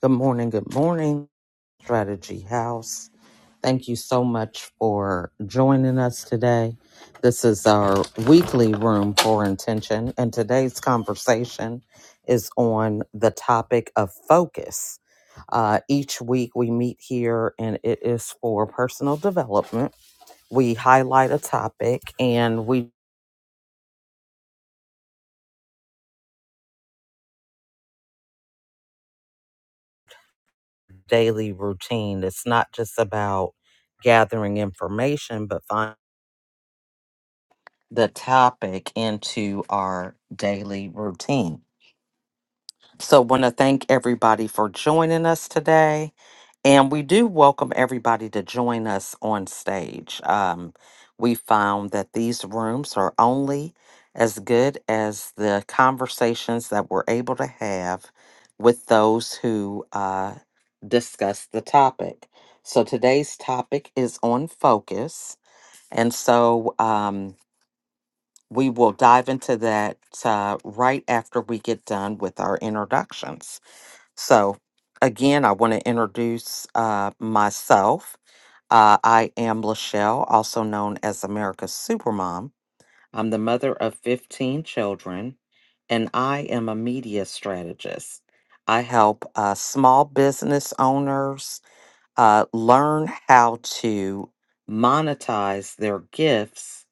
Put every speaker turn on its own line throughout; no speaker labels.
Good morning. Good morning, Strategy House. Thank you so much for joining us today. This is our weekly room for intention, and today's conversation is on the topic of focus. Uh, each week we meet here, and it is for personal development. We highlight a topic and we daily routine. It's not just about gathering information, but finding the topic into our daily routine. So, want to thank everybody for joining us today, and we do welcome everybody to join us on stage. Um, we found that these rooms are only as good as the conversations that we're able to have with those who uh, discuss the topic. So, today's topic is on focus, and so. Um, we will dive into that uh, right after we get done with our introductions. So, again, I want to introduce uh, myself. Uh, I am Lachelle, also known as America's Supermom. I'm the mother of 15 children, and I am a media strategist. I help uh, small business owners uh, learn how to monetize their gifts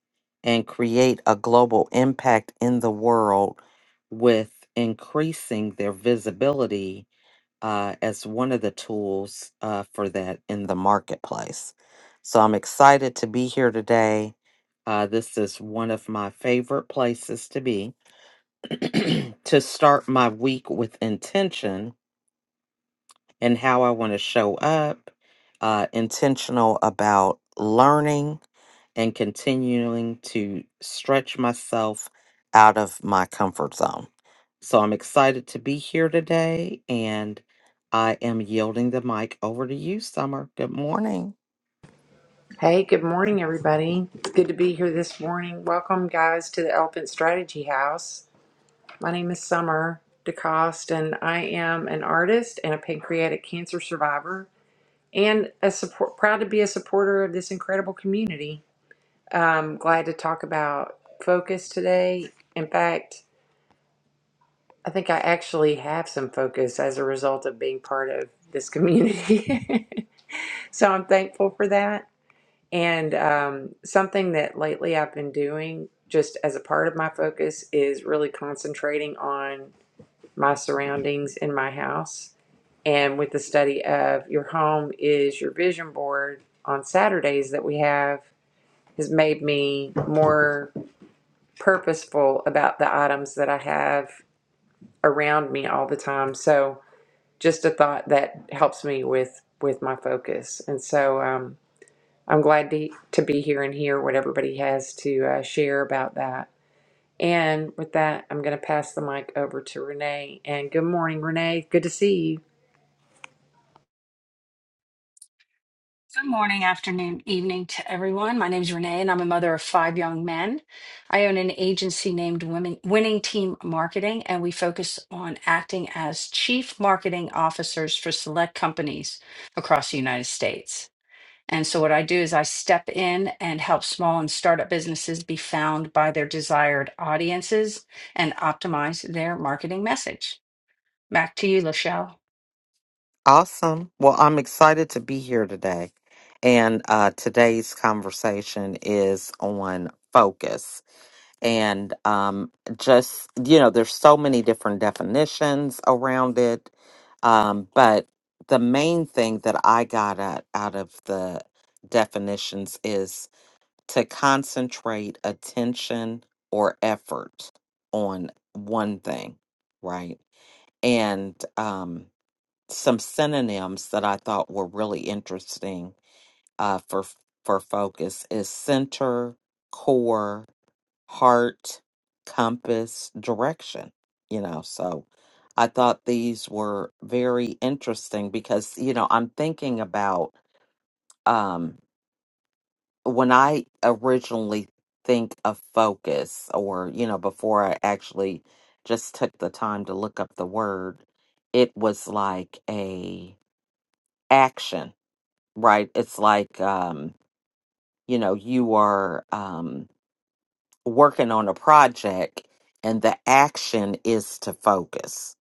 and create a global impact in the world with increasing their visibility uh, as one of the tools uh, for that in the marketplace. So I'm excited to be here today. Uh, this is one of my favorite places to be to start my week with intention and how I want to show up, uh, intentional about learning and continuing to stretch myself out of my comfort zone. So I'm excited to be here today and I am yielding the mic over to you, Summer. Good morning.
Hey, good morning, everybody. It's good to be here this morning. Welcome, guys, to the Elephant Strategy House. My name is Summer DeCoste, and I am an artist and a pancreatic cancer survivor, and a support, proud to be a supporter of this incredible community. I'm glad to talk about focus today. In fact, I think I actually have some focus as a result of being part of this community. so I'm thankful for that. And um, something that lately I've been doing, just as a part of my focus, is really concentrating on my surroundings in my house. And with the study of your home is your vision board on Saturdays that we have, has made me more purposeful about the items that I have around me all the time. So, just a thought that helps me with with my focus. And so, um, I'm glad to, to be here and hear what everybody has to uh, share about that. And with that, I'm going to pass the mic over to Renee. And good morning, Renee. Good to see you.
Good morning, afternoon, evening to everyone. My name is Renee, and I'm a mother of five young men. I own an agency named Women Winning Team Marketing, and we focus on acting as chief marketing officers for select companies across the United States. And so, what I do is I step in and help small and startup businesses be found by their desired audiences and optimize their marketing message. Back to you, Lachelle.
Awesome. Well, I'm excited to be here today. And uh, today's conversation is on focus. and um, just you know there's so many different definitions around it um, but the main thing that i got out, out of the definitions is to concentrate attention or effort on one thing right and um, some synonyms that i thought were really interesting uh, for for focus is center core heart, compass, direction, you know. So I thought these were very interesting because, you know, I'm thinking about um when I originally think of focus or, you know, before I actually just took the time to look up the word, it was like a action, right? It's like um, you know, you are um working on a project and the action is to focus.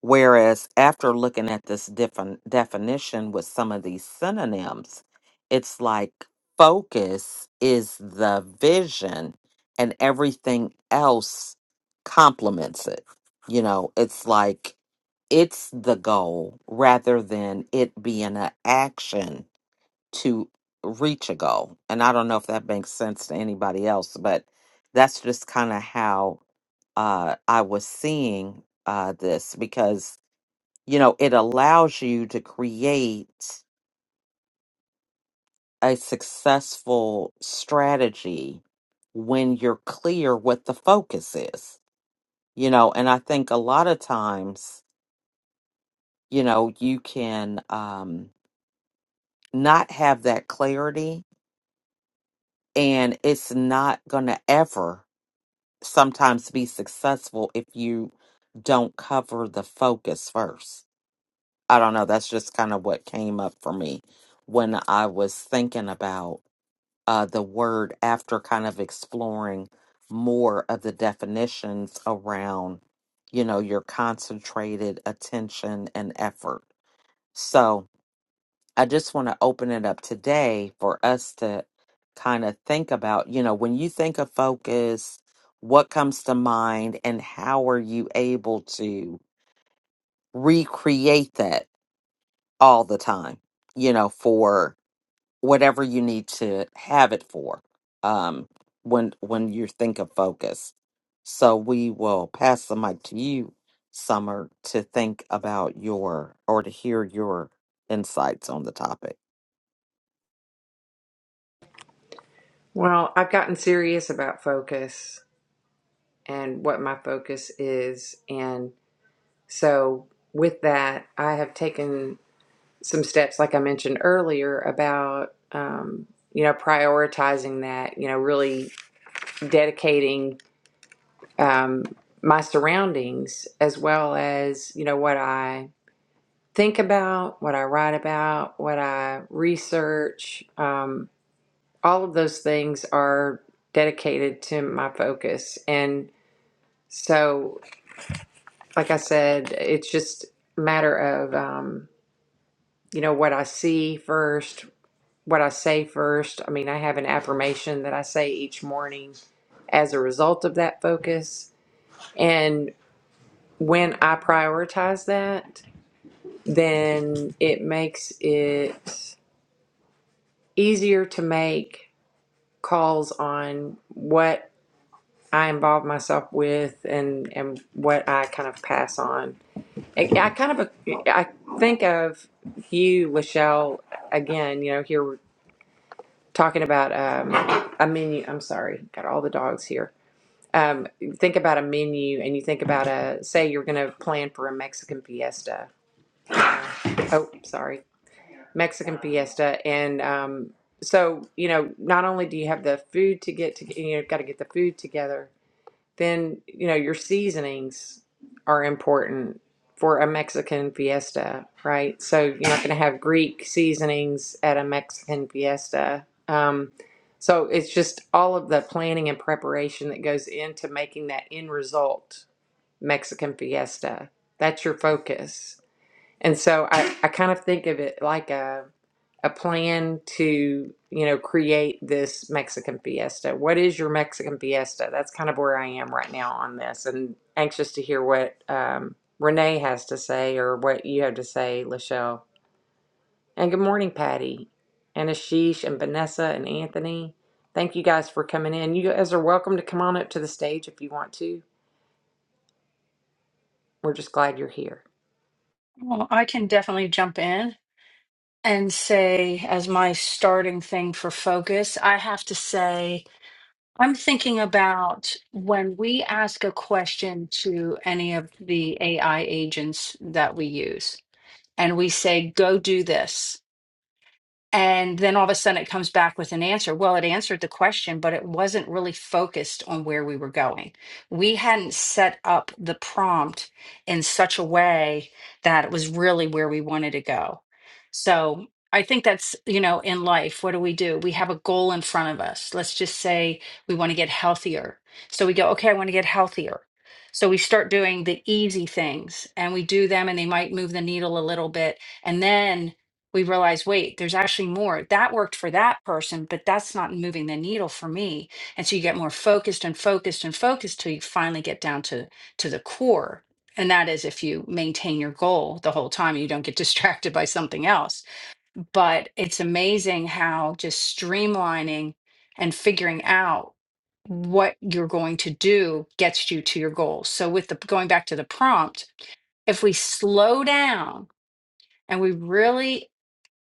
Whereas after looking at this different definition with some of these synonyms, it's like focus is the vision and everything else complements it. You know, it's like it's the goal rather than it being an action to reach a goal. And I don't know if that makes sense to anybody else, but that's just kind of how uh, I was seeing uh, this because, you know, it allows you to create a successful strategy when you're clear what the focus is, you know, and I think a lot of times, you know, you can um, not have that clarity and it's not going to ever sometimes be successful if you don't cover the focus first. I don't know. That's just kind of what came up for me when I was thinking about uh, the word after kind of exploring more of the definitions around, you know, your concentrated attention and effort. So, I just want to open it up today for us to kind of think about, you know, when you think of focus, what comes to mind and how are you able to recreate that all the time, you know, for whatever you need to have it for. Um when when you think of focus. So we will pass the mic to you, Summer, to think about your or to hear your insights on the topic.
Well, I've gotten serious about focus and what my focus is. And so, with that, I have taken some steps, like I mentioned earlier, about, um, you know, prioritizing that, you know, really dedicating um, my surroundings as well as you know what I think about, what I write about, what I research. Um, all of those things are dedicated to my focus, and so, like I said, it's just a matter of um, you know what I see first, what I say first. I mean, I have an affirmation that I say each morning as a result of that focus, and when I prioritize that then it makes it easier to make calls on what I involve myself with and and what I kind of pass on. I, I kind of I think of you, Lachelle. Again, you know, here we're talking about um, a menu. I'm sorry, got all the dogs here. Um, think about a menu, and you think about a say you're going to plan for a Mexican fiesta. Uh, Oh, sorry Mexican fiesta. And um, so, you know, not only do you have the food to get to, you know, got to get the food together, then, you know, your seasonings are important for a Mexican fiesta, right? So you're not going to have Greek seasonings at a Mexican fiesta. Um, so it's just all of the planning and preparation that goes into making that end result Mexican fiesta. That's your focus. And so I, I kind of think of it like a a plan to you know create this Mexican fiesta. What is your Mexican fiesta? That's kind of where I am right now on this, and anxious to hear what um, Renee has to say or what you have to say, Lachelle. And good morning, Patty, and Ashish, and Vanessa, and Anthony. Thank you guys for coming in. You guys are welcome to come on up to the stage if you want to. We're just glad you're here.
Well, I can definitely jump in. and say, as my starting thing for focus, I have to say, I'm thinking about when we ask a question to any of the AI agents that we use, and we say, go do this. And then all of a sudden it comes back with an answer. Well, it answered the question, but it wasn't really focused on where we were going. We hadn't set up the prompt in such a way that it was really where we wanted to go. So I think that's, you know, in life, what do we do? We have a goal in front of us. Let's just say we want to get healthier. So we go, okay, I want to get healthier. So we start doing the easy things and we do them and they might move the needle a little bit. And then we realize, wait, there's actually more. That worked for that person, but that's not moving the needle for me. And so you get more focused and focused and focused till you finally get down to to the core. And that is if you maintain your goal the whole time, you don't get distracted by something else. But it's amazing how just streamlining and figuring out what you're going to do gets you to your goals. So with the going back to the prompt, if we slow down and we really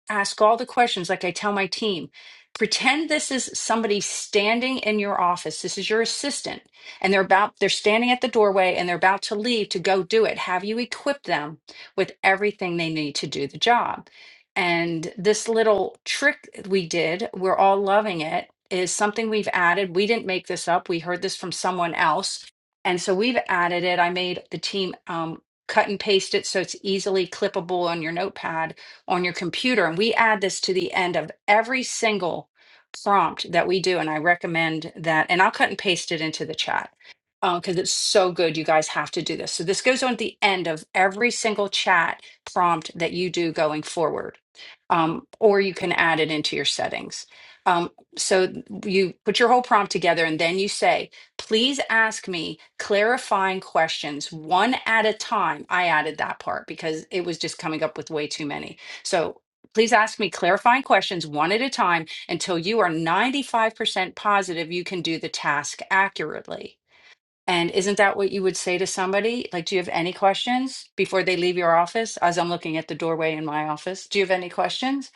ask all the questions like I tell my team. Pretend this is somebody standing in your office. This is your assistant and they're about they're standing at the doorway and they're about to leave to go do it. Have you equipped them with everything they need to do the job? And this little trick we did, we're all loving it, is something we've added. We didn't make this up. We heard this from someone else. And so we've added it. I made the team um, cut and paste it so it's easily clippable on your notepad on your computer. And we add this to the end of every single prompt that we do. And I recommend that. And I'll cut and paste it into the chat because it's so good. You guys have to do this. So this goes on at the end of every single chat prompt that you do going forward. Um, or you can add it into your settings. Um, so you put your whole prompt together and then you say, please ask me clarifying questions one at a time. I added that part because it was just coming up with way too many so please ask me clarifying questions one at a time until you are 95% positive you can do the task accurately. And isn't that what you would say to somebody? Like, do you have any questions before they leave your office? As I'm looking at the doorway in my office, do you have any questions?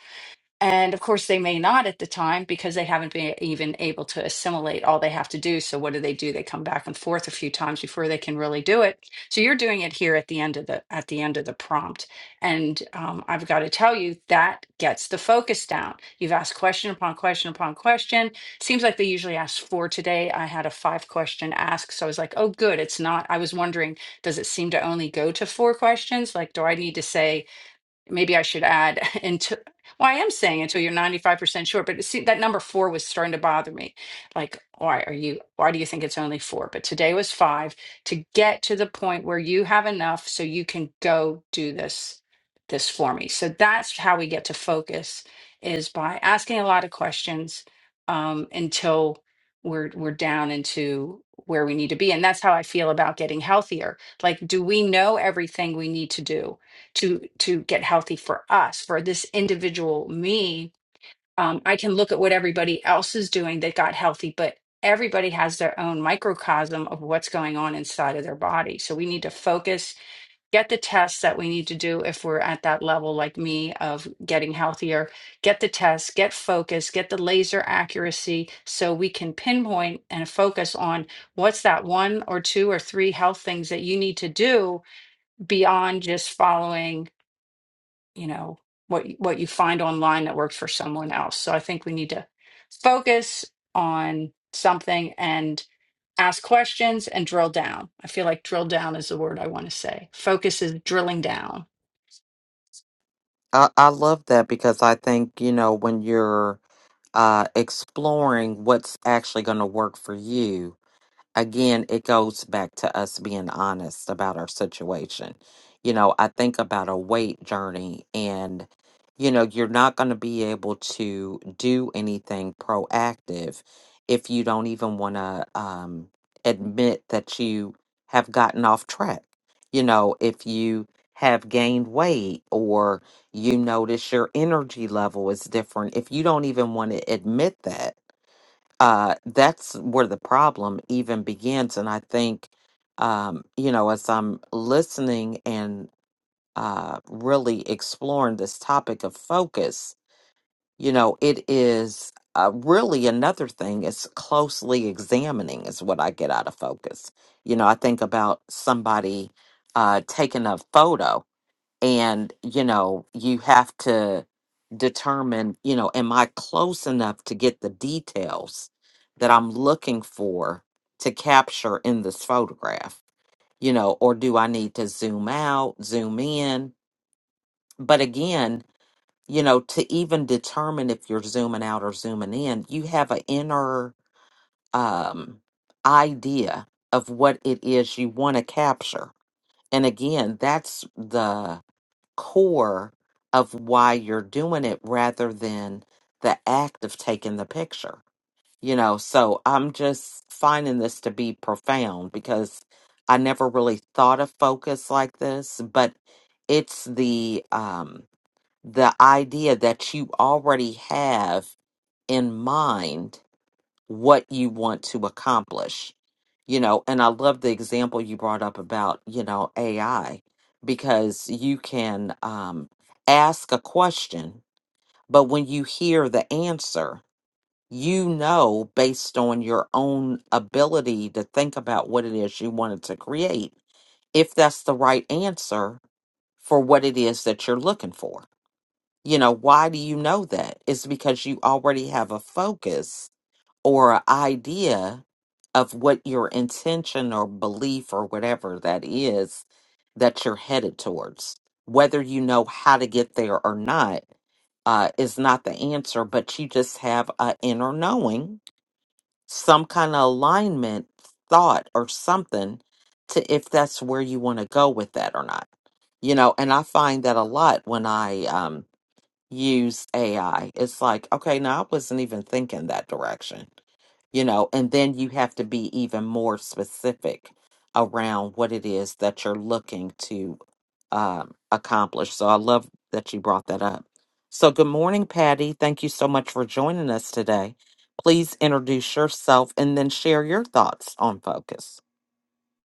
And of course, they may not at the time because they haven't been even able to assimilate all they have to do. So, what do they do? They come back and forth a few times before they can really do it. So, you're doing it here at the end of the at the end of the prompt, and um, I've got to tell you that gets the focus down. You've asked question upon question upon question. Seems like they usually ask four today. I had a five question ask, so I was like, oh, good, it's not. I was wondering, does it seem to only go to four questions? Like, do I need to say? maybe I should add until well, I am saying until you're 95% sure, but see that number four was starting to bother me. Like, why are you why do you think it's only four? But today was five to get to the point where you have enough so you can go do this this for me. So that's how we get to focus is by asking a lot of questions um, until we're we're down into where we need to be. And that's how I feel about getting healthier. Like, do we know everything we need to do? to to get healthy for us for this individual me um, i can look at what everybody else is doing that got healthy but everybody has their own microcosm of what's going on inside of their body so we need to focus get the tests that we need to do if we're at that level like me of getting healthier get the tests get focus get the laser accuracy so we can pinpoint and focus on what's that one or two or three health things that you need to do beyond just following you know what y- what you find online that works for someone else so i think we need to focus on something and ask questions and drill down i feel like drill down is the word i want to say focus is drilling down
I, I love that because I think, you know, when you're uh, exploring what's actually going to work for you, again, it goes back to us being honest about our situation. You know, I think about a weight journey, and, you know, you're not going to be able to do anything proactive if you don't even want to um, admit that you have gotten off track. You know, if you have gained weight or you notice your energy level is different, if you don't even want to admit that uh, that's where the problem even begins. And I think, um, you know, as I'm listening and uh, really exploring this topic of focus, you know, it is uh, really another thing is closely examining, is what I get out of focus. You know, I think about somebody uh, taking a photo and you know you have to determine you know am i close enough to get the details that i'm looking for to capture in this photograph you know or do i need to zoom out zoom in but again you know to even determine if you're zooming out or zooming in you have an inner um idea of what it is you want to capture and again that's the core of why you're doing it rather than the act of taking the picture. You know, so I'm just finding this to be profound because I never really thought of focus like this, but it's the um the idea that you already have in mind what you want to accomplish you know and i love the example you brought up about you know ai because you can um ask a question but when you hear the answer you know based on your own ability to think about what it is you wanted to create if that's the right answer for what it is that you're looking for you know why do you know that it's because you already have a focus or a idea of what your intention or belief or whatever that is that you're headed towards. Whether you know how to get there or not uh, is not the answer, but you just have an inner knowing, some kind of alignment, thought, or something to if that's where you want to go with that or not. You know, and I find that a lot when I um, use AI. It's like, okay, now I wasn't even thinking that direction you know, and then you have to be even more specific around what it is that you're looking to um, accomplish. So I love that you brought that up. So, good morning, Patty. Thank you so much for joining us today. Please introduce yourself and then share your thoughts on focus.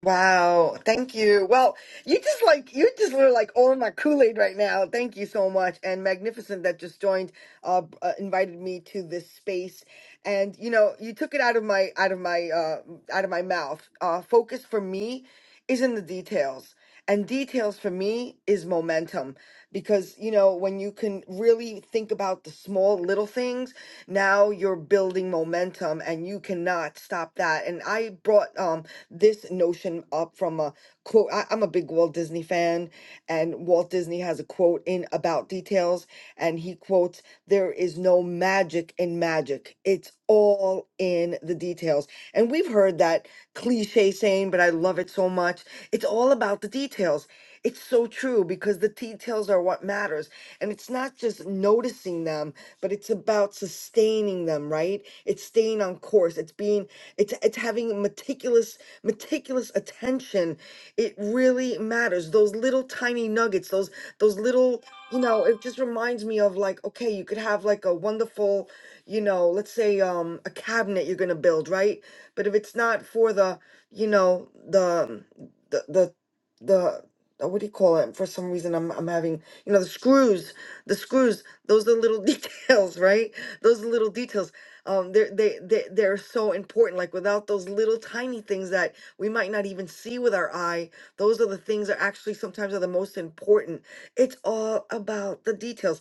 Wow, thank you. Well, you just like you just were like all in my Kool-Aid right now. Thank you so much. And Magnificent that just joined uh, b- uh invited me to this space. And you know, you took it out of my out of my uh out of my mouth. Uh focus for me is in the details. And details for me is momentum because you know, when you can really think about the small little things, now you're building momentum and you cannot stop that. And I brought um this notion up from a quote. I, I'm a big Walt Disney fan, and Walt Disney has a quote in About Details, and he quotes, There is no magic in magic, it's all in the details. And we've heard that cliche saying, but I love it so much. It's all about the details. It's so true because the details are what matters. And it's not just noticing them, but it's about sustaining them, right? It's staying on course. It's being it's it's having meticulous meticulous attention. It really matters. Those little tiny nuggets, those those little, you know, it just reminds me of like okay, you could have like a wonderful, you know, let's say um a cabinet you're going to build, right? But if it's not for the, you know, the the the the uh, what do you call it? For some reason, I'm I'm having you know the screws, the screws. Those are little details, right? Those are little details. Um, they're they they they're so important. Like without those little tiny things that we might not even see with our eye, those are the things that actually sometimes are the most important. It's all about the details.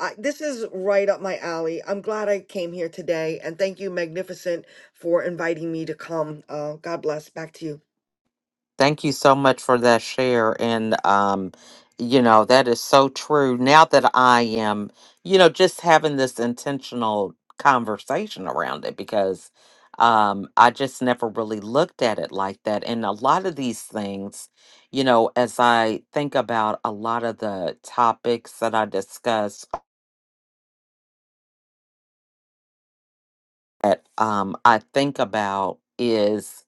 I, this is right up my alley. I'm glad I came here today, and thank you, Magnificent, for inviting me to come. Uh, God bless. Back to you.
Thank you so much for that share. And, um, you know, that is so true. Now that I am, you know, just having this intentional conversation around it because um, I just never really looked at it like that. And a lot of these things, you know, as I think about a lot of the topics that I discuss, that um, I think about is,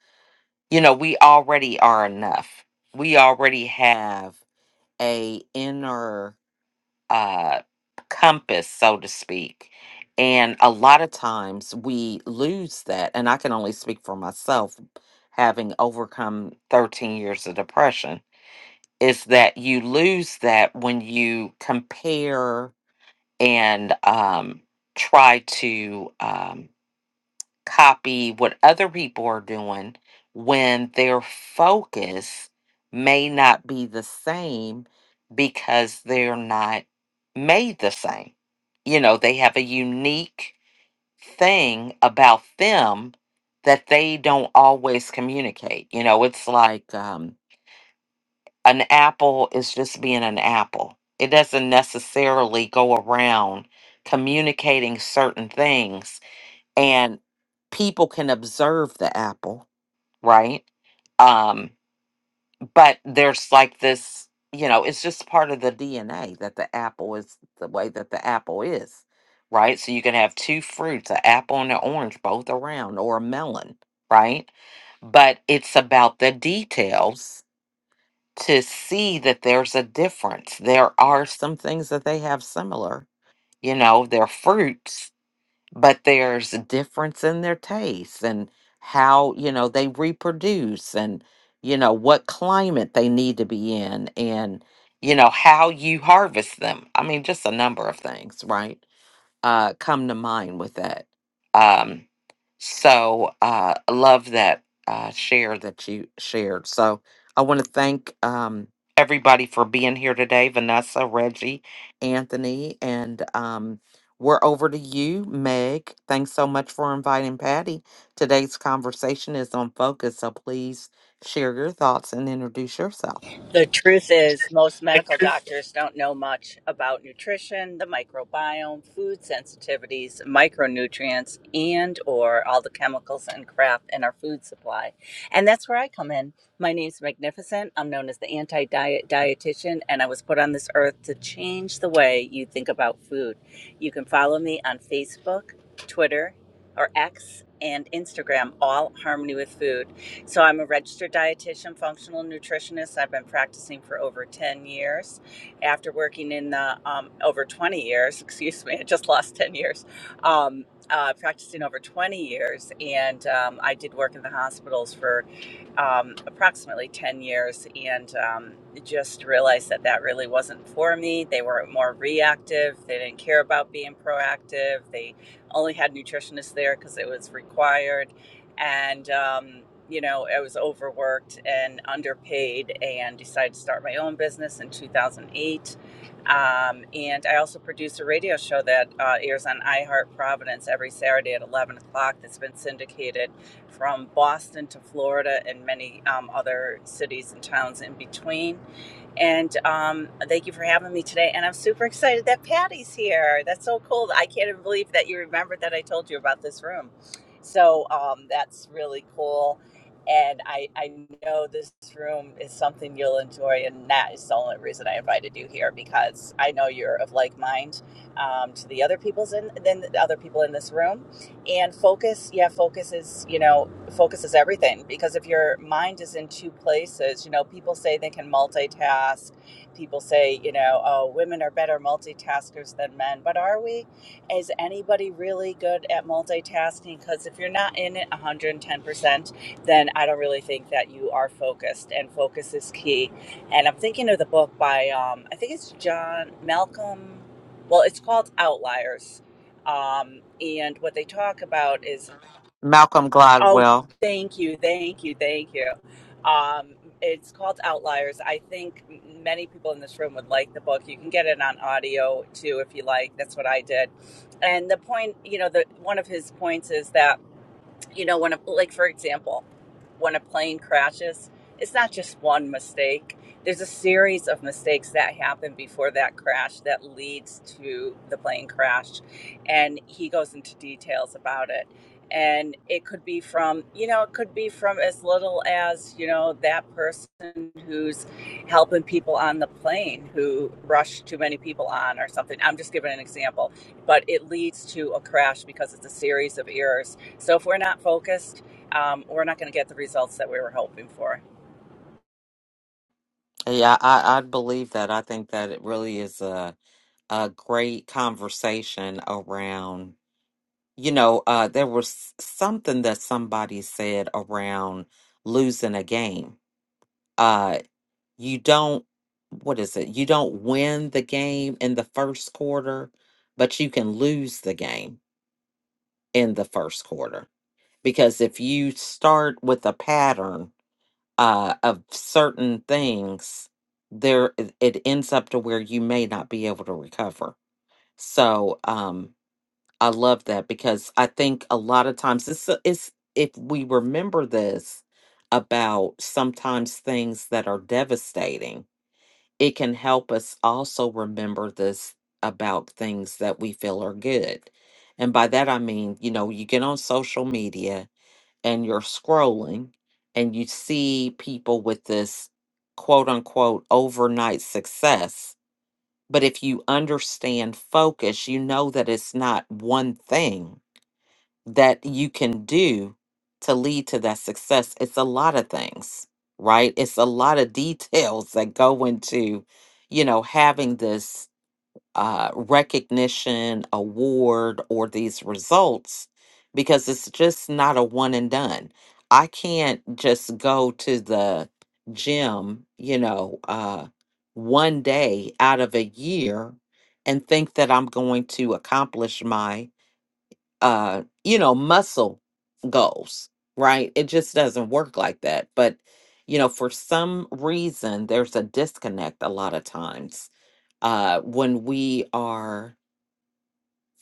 you know, we already are enough. We already have a inner uh, compass, so to speak. And a lot of times we lose that. And I can only speak for myself, having overcome 13 years of depression, is that you lose that when you compare and um, try to. Um, copy what other people are doing when their focus may not be the same because they're not made the same. You know, they have a unique thing about them that they don't always communicate. You know, it's like um, an apple is just being an apple, it doesn't necessarily go around communicating certain things and people can observe the apple, right? Um, but there's like this, you know, it's just part of the DNA that the apple is the way that the apple is, right? So you can have two fruits, an apple and an orange, both around, or a melon, right? But it's about the details to see that there's a difference. There are some things that they have similar, you know, they're fruits, but there's a difference in their tastes and how you know they reproduce and you know what climate they need to be in and you know how you harvest them i mean just a number of things right uh, come to mind with that. Um, so uh, I love that uh, share that you shared. So I want to thank um, everybody for being here today Vanessa, Reggie, Anthony, and um, we're over to you, Meg. Thanks so much for inviting Patty. Today's conversation is on focus, so please share your thoughts and introduce yourself.
The truth is, most medical doctors don't know much about nutrition, the microbiome, food sensitivities, micronutrients, and or all the chemicals and crap in our food supply. And that's where I come in. My name's Magnificent. I'm known as the anti-diet dietitian, and I was put on this earth to change the way you think about food. You can follow me on Facebook, Twitter, or X and Instagram, all Harmony with Food. So I'm a registered dietitian, functional nutritionist. I've been practicing for over 10 years. After working in the um, over 20 years, excuse me, I just lost 10 years. Um, uh, practicing over 20 years, and um, I did work in the hospitals for um, approximately 10 years and um, just realized that that really wasn't for me. They were more reactive. They didn't care about being proactive. They only had nutritionists there because it was required. And, um, you know, I was overworked and underpaid and decided to start my own business in 2008. Um, and I also produce a radio show that uh, airs on iHeart Providence every Saturday at 11 o'clock that's been syndicated from Boston to Florida and many um, other cities and towns in between. And um, thank you for having me today. And I'm super excited that Patty's here. That's so cool. I can't even believe that you remembered that I told you about this room. So um, that's really cool. And I, I know this room is something you'll enjoy. And that is the only reason I invited you here because I know you're of like mind um, to the other people's in, than the other people in this room and focus yeah focus is you know focuses everything because if your mind is in two places, you know, people say they can multitask. People say, you know, oh, women are better multitaskers than men, but are we? Is anybody really good at multitasking? Because if you're not in it 110%, then I don't really think that you are focused, and focus is key. And I'm thinking of the book by, um, I think it's John Malcolm. Well, it's called Outliers. Um, and what they talk about is
Malcolm
Oh,
Gladwell.
thank you, thank you, thank you. Um, it's called Outliers. I think m- many people in this room would like the book. You can get it on audio too if you like. That's what I did. And the point, you know, the one of his points is that you know when a like for example when a plane crashes it's not just one mistake there's a series of mistakes that happen before that crash that leads to the plane crash and he goes into details about it and it could be from you know it could be from as little as you know that person who's helping people on the plane who rushed too many people on or something i'm just giving an example but it leads to a crash because it's a series of errors so if we're not focused, um, we're not going to get the results that we were hoping for.
Yeah, I, I believe that. I think that it really is. a great conversation around, you know, uh, there was something that somebody said around losing a game. Uh, you don't, what is it? You don't win the game in the first quarter, but you can lose the game in the first quarter. Because if you start with a pattern uh, of certain things, there it it ends up to where you may not be able to recover. So, um, I love that because I think a lot of times it's, uh, it's if we remember this about sometimes things that are devastating, it can help us also remember this about things that we feel are good. And by that I mean, you know, you get on social media and you're scrolling and you see people with this quote unquote overnight success. But if you understand focus, you know that it's not one thing that you can do to lead to that success. It's a lot of things, right? It's a lot of details that go into, you know, having this uh, recognition, award, or these results because it's just not a one and done. I can't just go to the gym, you know, uh, one day out of a year and think that I'm going to accomplish my uh you know muscle goals right it just doesn't work like that but you know for some reason there's a disconnect a lot of times uh when we are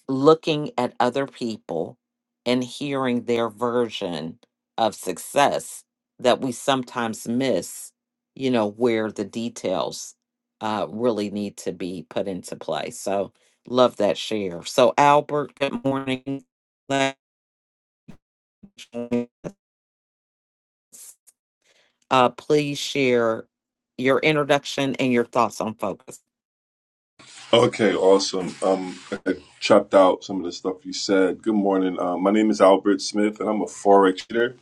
looking at other people and hearing their version of success that we sometimes miss you know where the details uh really need to be put into play so love that share so albert good morning Uh, please share your introduction and your thoughts on focus.
Okay, awesome. Um, I chopped out some of the stuff you said. Good morning. Uh, my name is Albert Smith, and I'm a forex trader,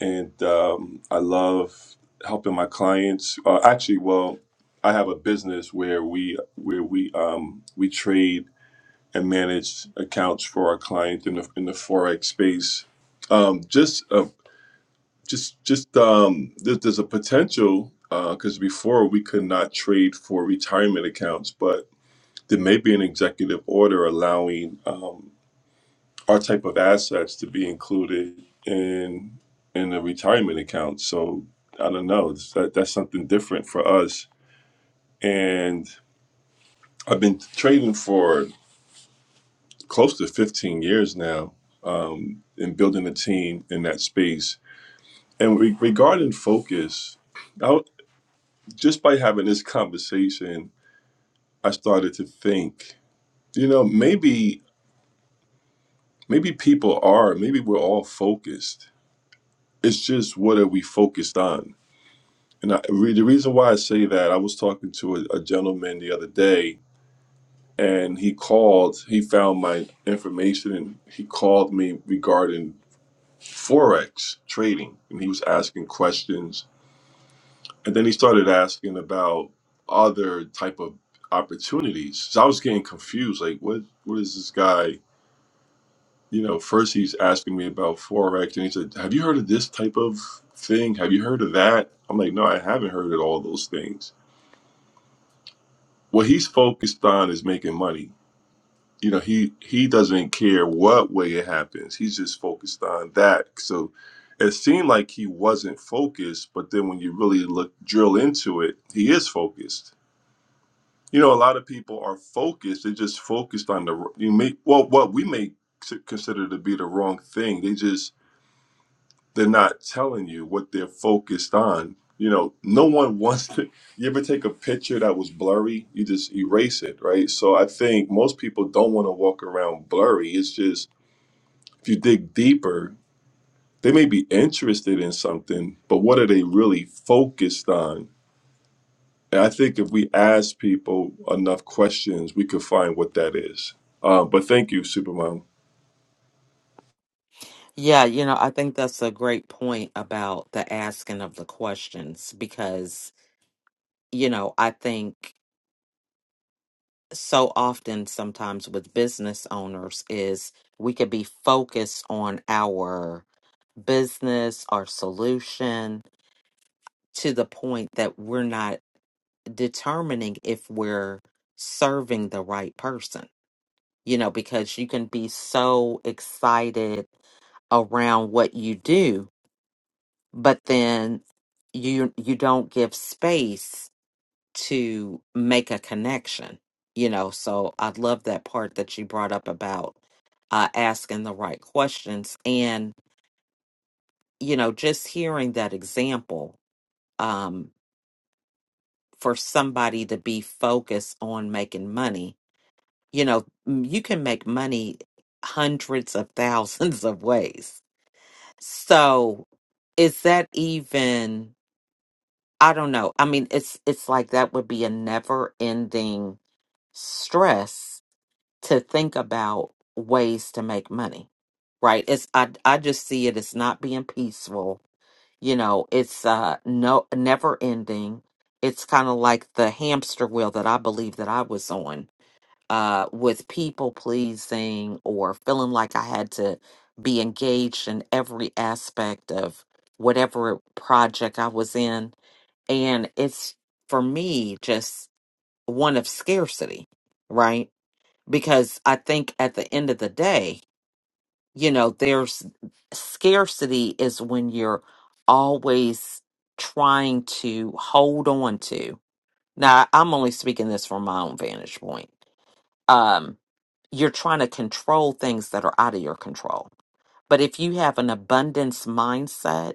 and um, I love helping my clients. Uh, actually, well, I have a business where we where we um, we trade and manage accounts for our clients in the in the forex space. Um, just uh, just just um, there, there's a potential because before we could not trade for retirement accounts, but there may be an executive order allowing um, our type of assets to be included in in the retirement account. So I don't know. It's- That, that's something different for us. And I've been trading for close to 15 years now um, and building a team in that space. And re- regarding focus, I, w- just by having this conversation, I started to think, you know, maybe maybe people are, maybe we're all focused it's just what are we focused on and I, re- the reason why i say that i was talking to a, a gentleman the other day and he called he found my information and he called me regarding forex trading and he was asking questions and then he started asking about other type of opportunities so i was getting confused like what what is this guy you know, first he's asking me about Forex and he said, Have you heard of this type of thing? Have you heard of that? I'm like, No, I haven't heard of all those things. What he's focused on is making money. You know, he he doesn't care what way it happens. He's just focused on that. So it seemed like he wasn't focused, but then when you really look drill into it, he is focused. You know, a lot of people are focused. They're just focused on the you make well what we may consider to be the wrong thing. They just they're not telling you what they're focused on. You know, no one wants to. You ever take a picture that was blurry? You just erase it, right? So I think most people don't want to walk around blurry. It's just if you dig deeper, they may be interested in something, but what are they really focused on? And I think if we ask people enough questions, we could find what that is. Uh, but thank you, Supermom.
Yeah, you know, I think that's a great point about the asking of the questions because, you know, I think so often sometimes with business owners is we could be focused on our business, our solution, to the point that we're not determining if we're serving the right person you know, because you can be so excited around what you do, but then you you don't give space to make a connection, you know. So I love that part that you brought up about uh, asking the right questions and you know just hearing that example um, for somebody to be focused on making money you know m- you can make money hundreds of thousands of ways So is that even I don't know. I mean it's it's like that would be a never ending stress to think about ways to make money. Right? It's I I just see it as not being peaceful. You know, it's uh no never ending. It's kind of like the hamster wheel that I believe that I was on uh, with people pleasing or feeling like I had to be engaged in every aspect of whatever project I was in. And it's for me just one of scarcity, right? Because I think at the end of the day, you know, there's scarcity is when you're always trying to hold on to. Now, I'm only speaking this from my own vantage point um, you're trying to control things that are out of your control. But if you have an abundance mindset,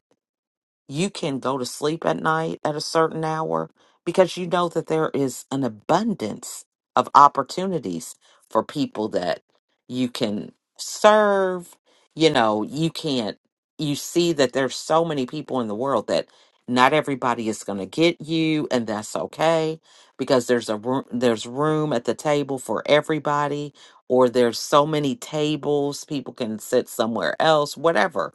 you can go to sleep at night at a certain hour because you know that there is an abundance of opportunities for people that you can serve. You know, you can't, you see that there's so many people in the world that not everybody is going to get you and that's okay because there's a room there's room at the table for everybody or there's so many tables people can sit somewhere else whatever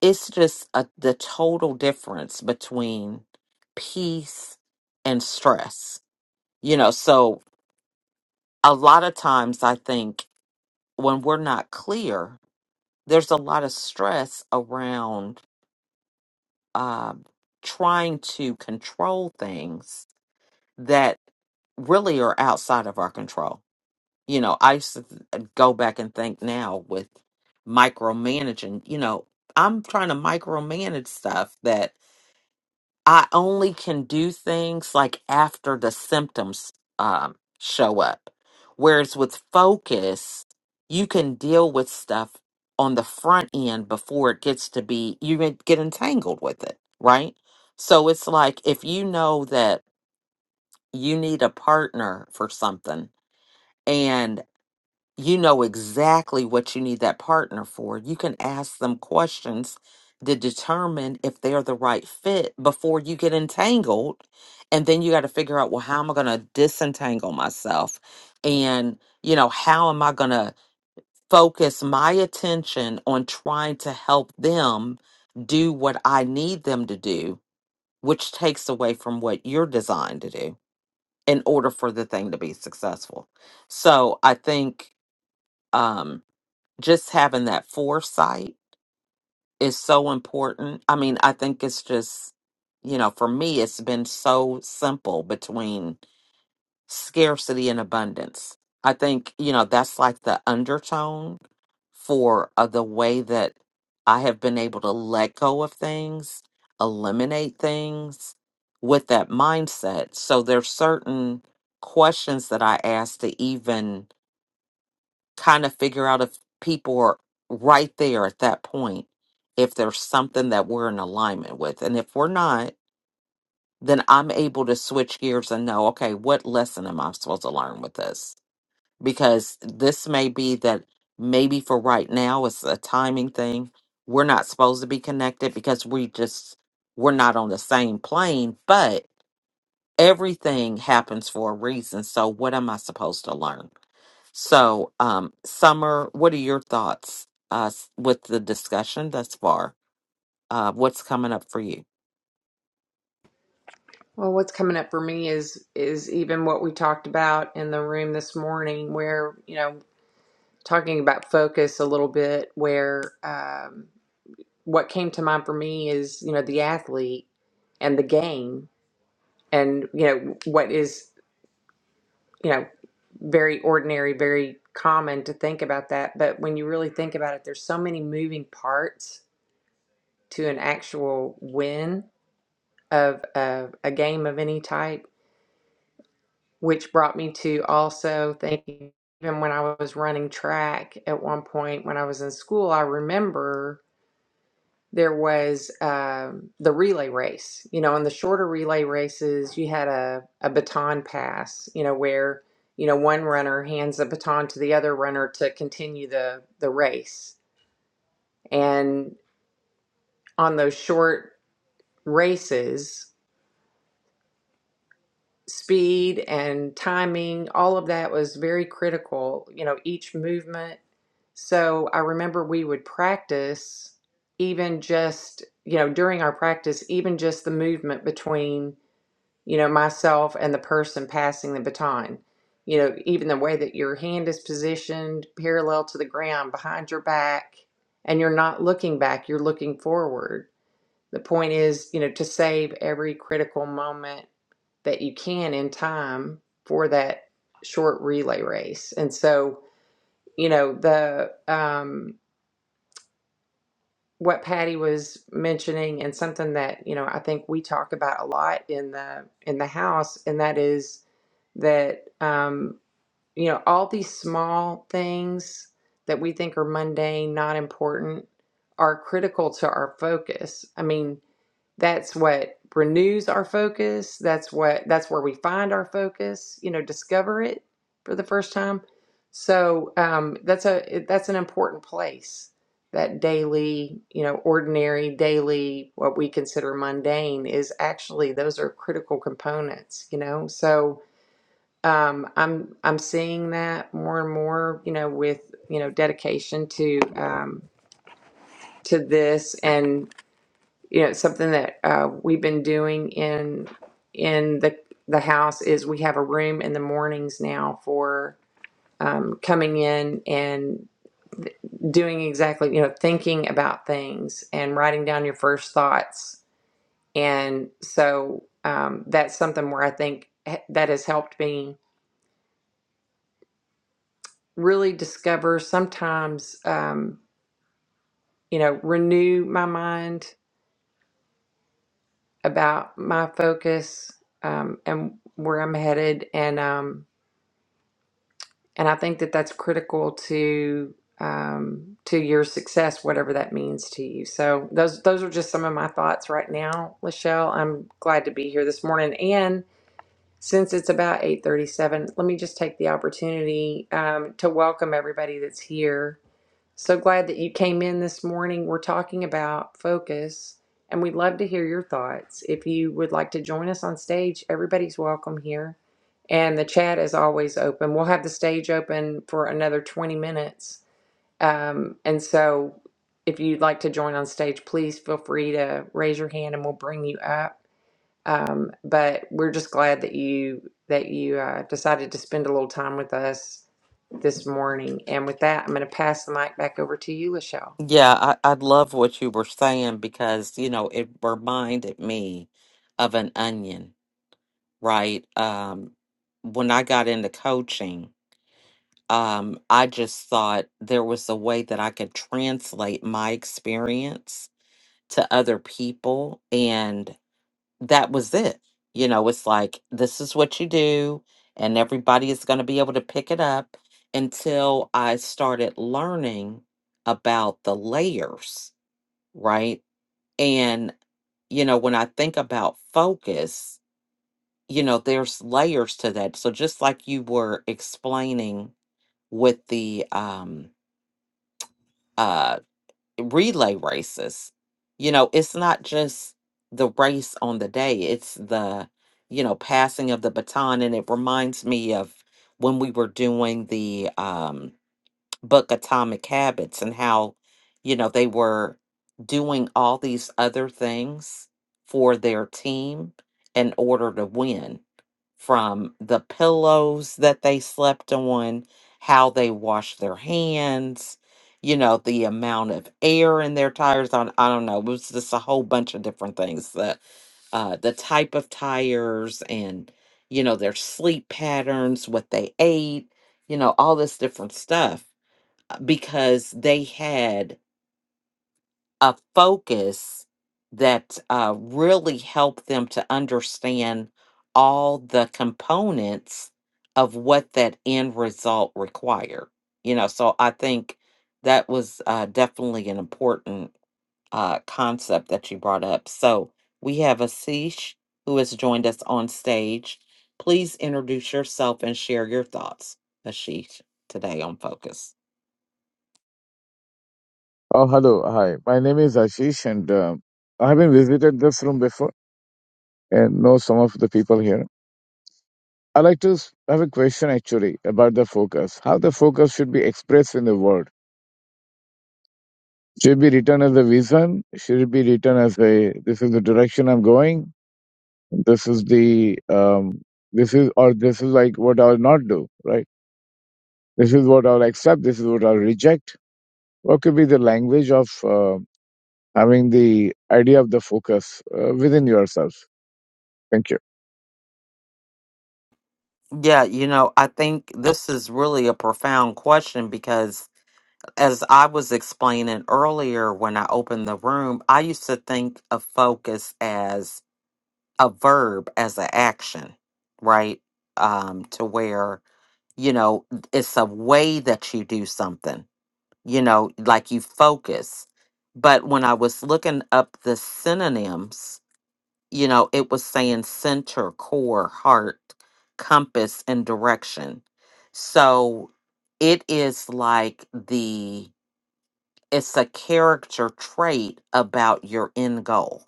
it's just a, the total difference between peace and stress. You know, so a lot of times I think when we're not clear, there's a lot of stress around um trying to control things that really are outside of our control. You know, I used to th- uh, go back and think now with micromanaging, you know, I'm trying to micromanage stuff that. I only can do things like after the symptoms um, show up. Whereas with focus, you can deal with stuff on the front end before it gets to be, you may get entangled with it, right? So it's like if you know that you need a partner for something you know exactly what you need that partner for. You can ask them questions to determine if they're the right fit before you get entangled. And then you got to figure out, well, how am I going to disentangle myself? And, you know, how am I going to focus my attention on trying to help them do what I need them to do, which takes away from what you're designed to do in order for the thing to be successful. So I think, um, just having that foresight is so important. I mean, I think it's just, you know, for me, it's been so simple between scarcity and abundance. I think, you know, that's like the undertone for uh, the way that I have been able to let go of things, eliminate things with that mindset. So there's certain questions that I ask to even kind of figure out if people are right there at that point, if there's something that we're in alignment with. And if we're not, then I'm able to switch gears and know, okay, what lesson am I supposed to learn with this? Because this may be that maybe for right now, it's a timing thing. We're not supposed to be connected because we just, we're not on the same plane, but everything happens for a reason. So what am I supposed to learn? So, um, Summer, what are your thoughts uh, s- with the discussion thus far? Uh, what's coming up for you?
Well, what's coming up for me is is even what we talked about in the room this morning, where you know talking about focus a little bit where um, what came to mind for me is you know the athlete and the game and you know what is you know very ordinary very common to think about that but when you really think about it there's so many moving parts to an actual win of a, a game of any type which brought me to also thinking even when i was running track at one point when i was in school i remember there was um, the relay race. You know, in the shorter relay races, you had a, a baton pass, you know, where, you know, one runner hands the baton to the other runner to continue the, the race. And on those short races, speed and timing, all of that was very critical, you know, each movement. So I remember we would practice even just, you know, during our practice, even just the movement between you know, myself and the person passing the baton. You know, even the way that your hand is positioned parallel to the ground behind your back, and you're not looking back, you're looking forward. The point is, you know, to save every critical moment that you can in time for that short relay race. And so, you know, the, um, what Patty was mentioning and something that, you know, I think we talk about a lot in the in the house and that is that um, you know, all these small things that we think are mundane, not important are critical to our focus. I mean, that's what renews our focus that's what that's where we find our focus you know discover it for the first time so um, that's a it- that's an important place that daily you know ordinary daily what we consider mundane is actually those are critical components you know so um, i'm i'm seeing that more and more you know with you know dedication to um, to this and you know something that uh, we've been doing in in the the house is we have a room in the mornings now for um, coming in and doing exactly you know thinking about things and writing down your first thoughts and so um, that's something where i think h- that has helped me really discover sometimes um, you know renew my mind about my focus um, and where i'm headed and um, and I think that that's critical to um, to your success, whatever that means to you. So those those are just some of my thoughts right now, Lachelle. I'm glad to be here this morning, and since it's about eight thirty seven, let me just take the opportunity um, to welcome everybody that's here. So glad that you came in this morning. We're talking about focus, and we'd love to hear your thoughts. If you would like to join us on stage, everybody's welcome here. And the chat is always open. We'll have the stage open for another 20 minutes. Um, and so if you'd like to join on stage, please feel free to raise your hand and we'll bring you up. Um, but we're just glad that you that you uh, decided to spend a little time with us this morning. And with that, I'm going to pass the mic back over to you, Lachelle.
Yeah, I, I love what you were saying because, you know, it reminded me of an onion, right? Um, when I got into coaching, um, I just thought there was a way that I could translate my experience to other people. that was it. You know, it's like this is what you do, and everybody is going to be able to pick it up until I started learning about the layers, right? And, you know, when I think about focus, you know, there's layers to that. So just like you were explaining with the um uh, relay races. You know, it's not just the race on the day, it's the, you know, passing of the baton. And it reminds me of when we were doing the um, book Atomic Habits and how, you know, they were doing all these other things for their team in order to win from the pillows that they slept on, how they washed their hands, you know, the amount of air in their tires on I don't know, it was just a whole bunch of different things. The uh the type of tires and you know, their sleep patterns, what they ate, you know, all this different stuff uh, because they had a focus that uh, really helped them to understand all the components of what that end result required. You know, so I think that was uh, definitely an important uh, concept that you brought up. So we have Asish who has joined us on stage. Please introduce yourself and share your thoughts, Ashish, today on Focus.
Oh, hello. Hi. My name is Ashish, and um I haven't visited this room before and know some of the people here. I like to s- have a question actually about the focus. How the focus should be expressed in the world? Should it be written as a vision? Should it be written as a this is the direction I'm going? This is the um this is or this is like what I'll not do, right? This is what I'll accept. This is what I'll reject. What could be the language of uh, having the idea of the focus uh, within yourself? Thank you.
Yeah, you know, I think this is really a profound question because, as I was explaining earlier when I opened the room, I used to think of focus as a verb, as an action, right? Um, to where, you know, it's a way that you do something, you know, like you focus. But when I was looking up the synonyms, you know, it was saying center, core, heart, compass, and direction. So it is like the, it's a character trait about your end goal,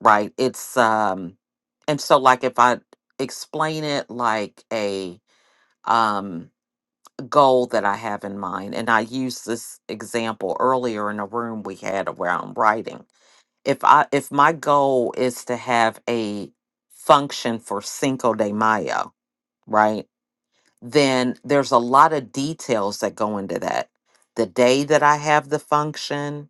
right? It's, um, and so like if I explain it like a, um, goal that I have in mind, and I used this example earlier in a room we had around writing if I if my goal is to have a function for Cinco de Mayo, right? Then there's a lot of details that go into that. The day that I have the function,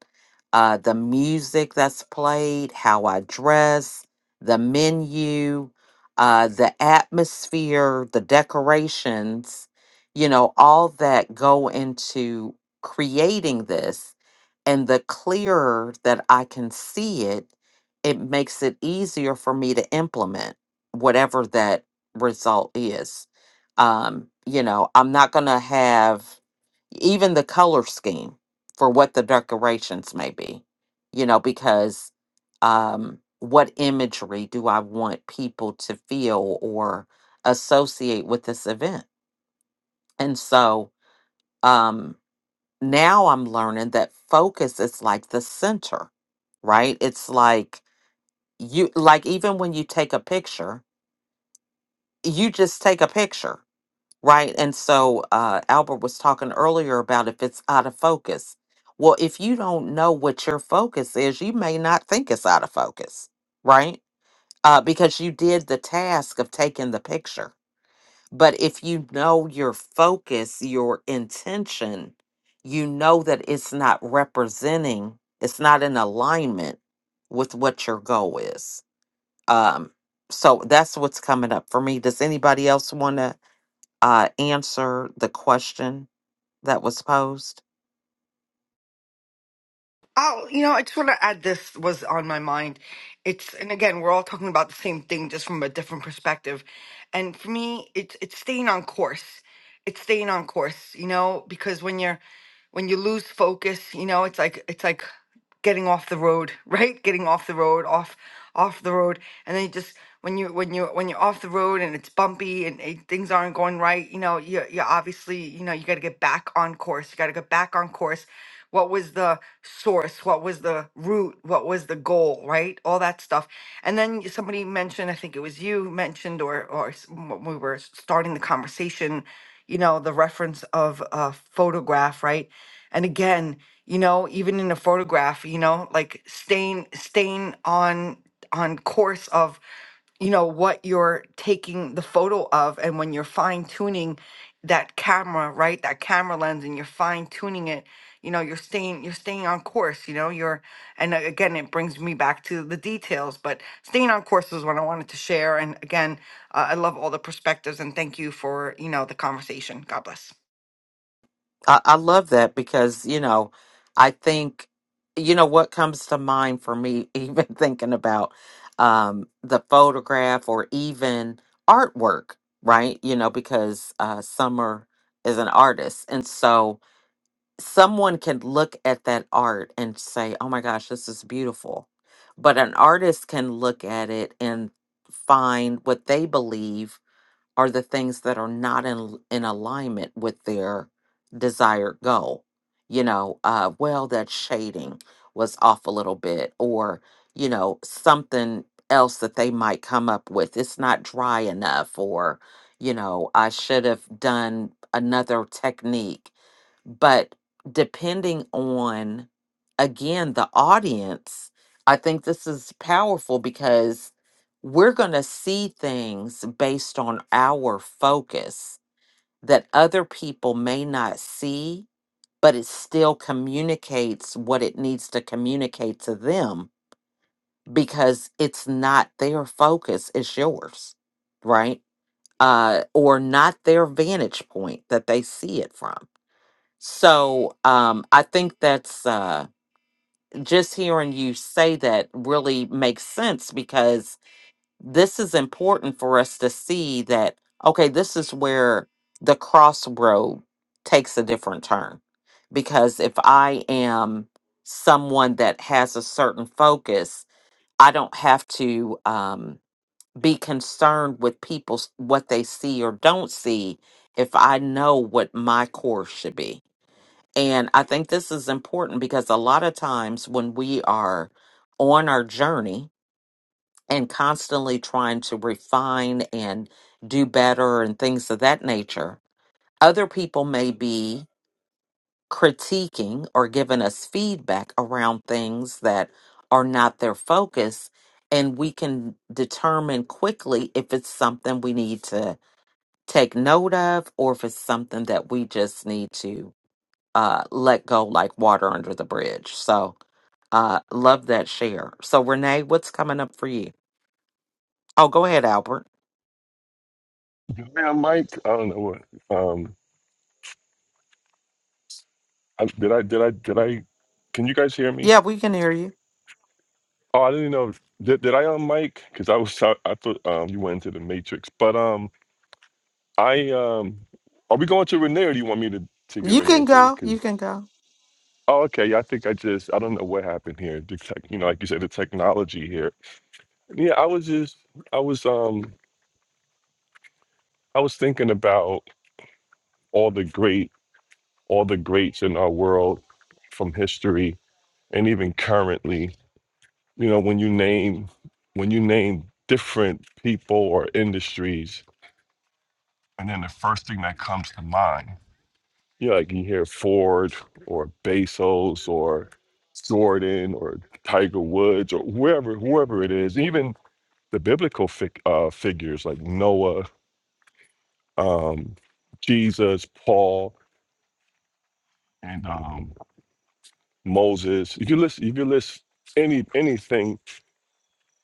uh, the music that's played, how I dress, the menu, uh, the atmosphere, the decorations, you know, all that go into creating this and the clearer that I can see it, it makes it easier for me to implement whatever that result is. Um, you know, I'm not going to have even the color scheme for what the decorations may be, you know, because um, what imagery do I want people to feel or associate with this event? And so, um, now I'm learning that focus is like the center, right? It's like you, like even when you take a picture, you just take a picture, right? And so uh, Albert was talking earlier about if it's out of focus. Well, if you don't know what your focus is, you may not think it's out of focus, right? Uh, because you did the task of taking the picture but if you know your focus, your intention, you know that it's not representing, it's not in alignment with what your goal is. Um, so that's what's coming up for me. Does anybody else want to uh, answer the question that was posed?
Oh, you know, I just want to add this was on my mind. It's and again, we're all talking about the same thing just from a different perspective. And for me, it's it's staying on course. It's staying on course, you know, because when you're when you lose focus, you know, it's like it's like getting off the road, right? Getting off the road, off off the road, and then you just when you when you when you're off the road and it's bumpy and eh, things aren't going right, you know, you you obviously you know you got to get back on course. You got to get back on course what was the source what was the root what was the goal right all that stuff and then y- somebody mentioned i think it was you mentioned or or s- when we were s- starting the conversation you know the reference of a photograph right and again you know even in a photograph you know like staying staying on on course of you know what you're taking the photo of and when you're fine tuning that camera right that camera lens and you're fine tuning it you know you're staying you're staying on course you know you're and a- again it brings me back to the details but staying on course is what i wanted to share and again uh, i love all the perspectives and thank you for you know the conversation god bless
I, I love that because, you know, I think, you know, what comes to mind for me, even thinking about um, the photograph or even artwork, right? You know, because uh, Summer is an artist. And so someone can look at that art and say, oh my gosh, this is beautiful. But an artist can look at it and find what they believe are the things that are not in in alignment with their desired goal. You know, uh, well, that shading was off a little bit, or you know, something else that they might come up with. It's not dry enough, or you know, I should have done another technique but depending on again the audience i think this is powerful because we're going to see things based on our focus that other people may not see but it still communicates what it needs to communicate to them because it's not their focus it's yours right uh or not their vantage point that they see it from so um, I think that's uh, just hearing you say that really makes sense because this is important for us to see that, okay, this is where the crossroad takes a different turn. Because if I am someone that has a certain focus, I don't have to um, be concerned with people's what they see or don't see if I know what my course should be and I think this is important because a lot of times when we are on our journey and constantly trying to refine and do better and things of that nature, other people may be critiquing or giving us feedback around things that are not their focus. And we can determine quickly if it's something we need to take note of or if it's something that we just need to uh, let go like water under the bridge. So uh, love that share. So Renee, what's coming up for you? Oh, go ahead, Albert.
Yeah, Mike. I don't know what. Um, I, did I? Did I? Did I? Can you guys hear me?
Yeah, we can hear you.
Oh, I didn't know. if- Did, did I on mic? Because I was I, I thought um you went into the matrix. But um I um are we going to Renee or do you want me to to give
You
an
can
answer?
go. You
Because
can go.
oh okay, yeah, I think I just I don't know what happened here. The tech, you know, like you said, the technology here. Yeah, I was just I was um I was thinking about all the great all the greats in our world from history and even currently. You know, when you name when you name different people or industries And then the first thing that comes to mind, you know, like you hear Ford or Bezos or Jordan or Tiger Woods or whoever, whoever it is, even the biblical fig, uh, figures like Noah, um, Jesus, Paul, and um, Moses. If you list, if you list any anything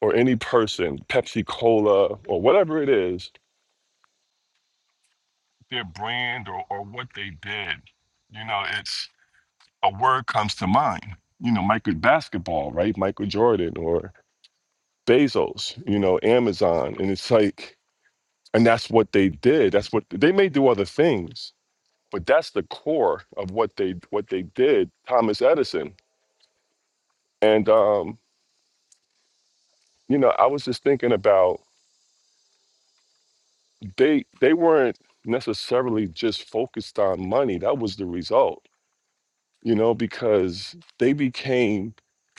or any person, Pepsi Cola or whatever it is, their brand or, or what they did, you know, it's a word comes to mind. You know, Michael basketball, right? Michael Jordan or Bezos, you know, Amazon. And it's like, and that's what they did. That's what they may do other things, but that's the core of what they what they did, Thomas Edison. And um, you know, I was just thinking about they they weren't necessarily just focused on money. That was the result, you know, because they became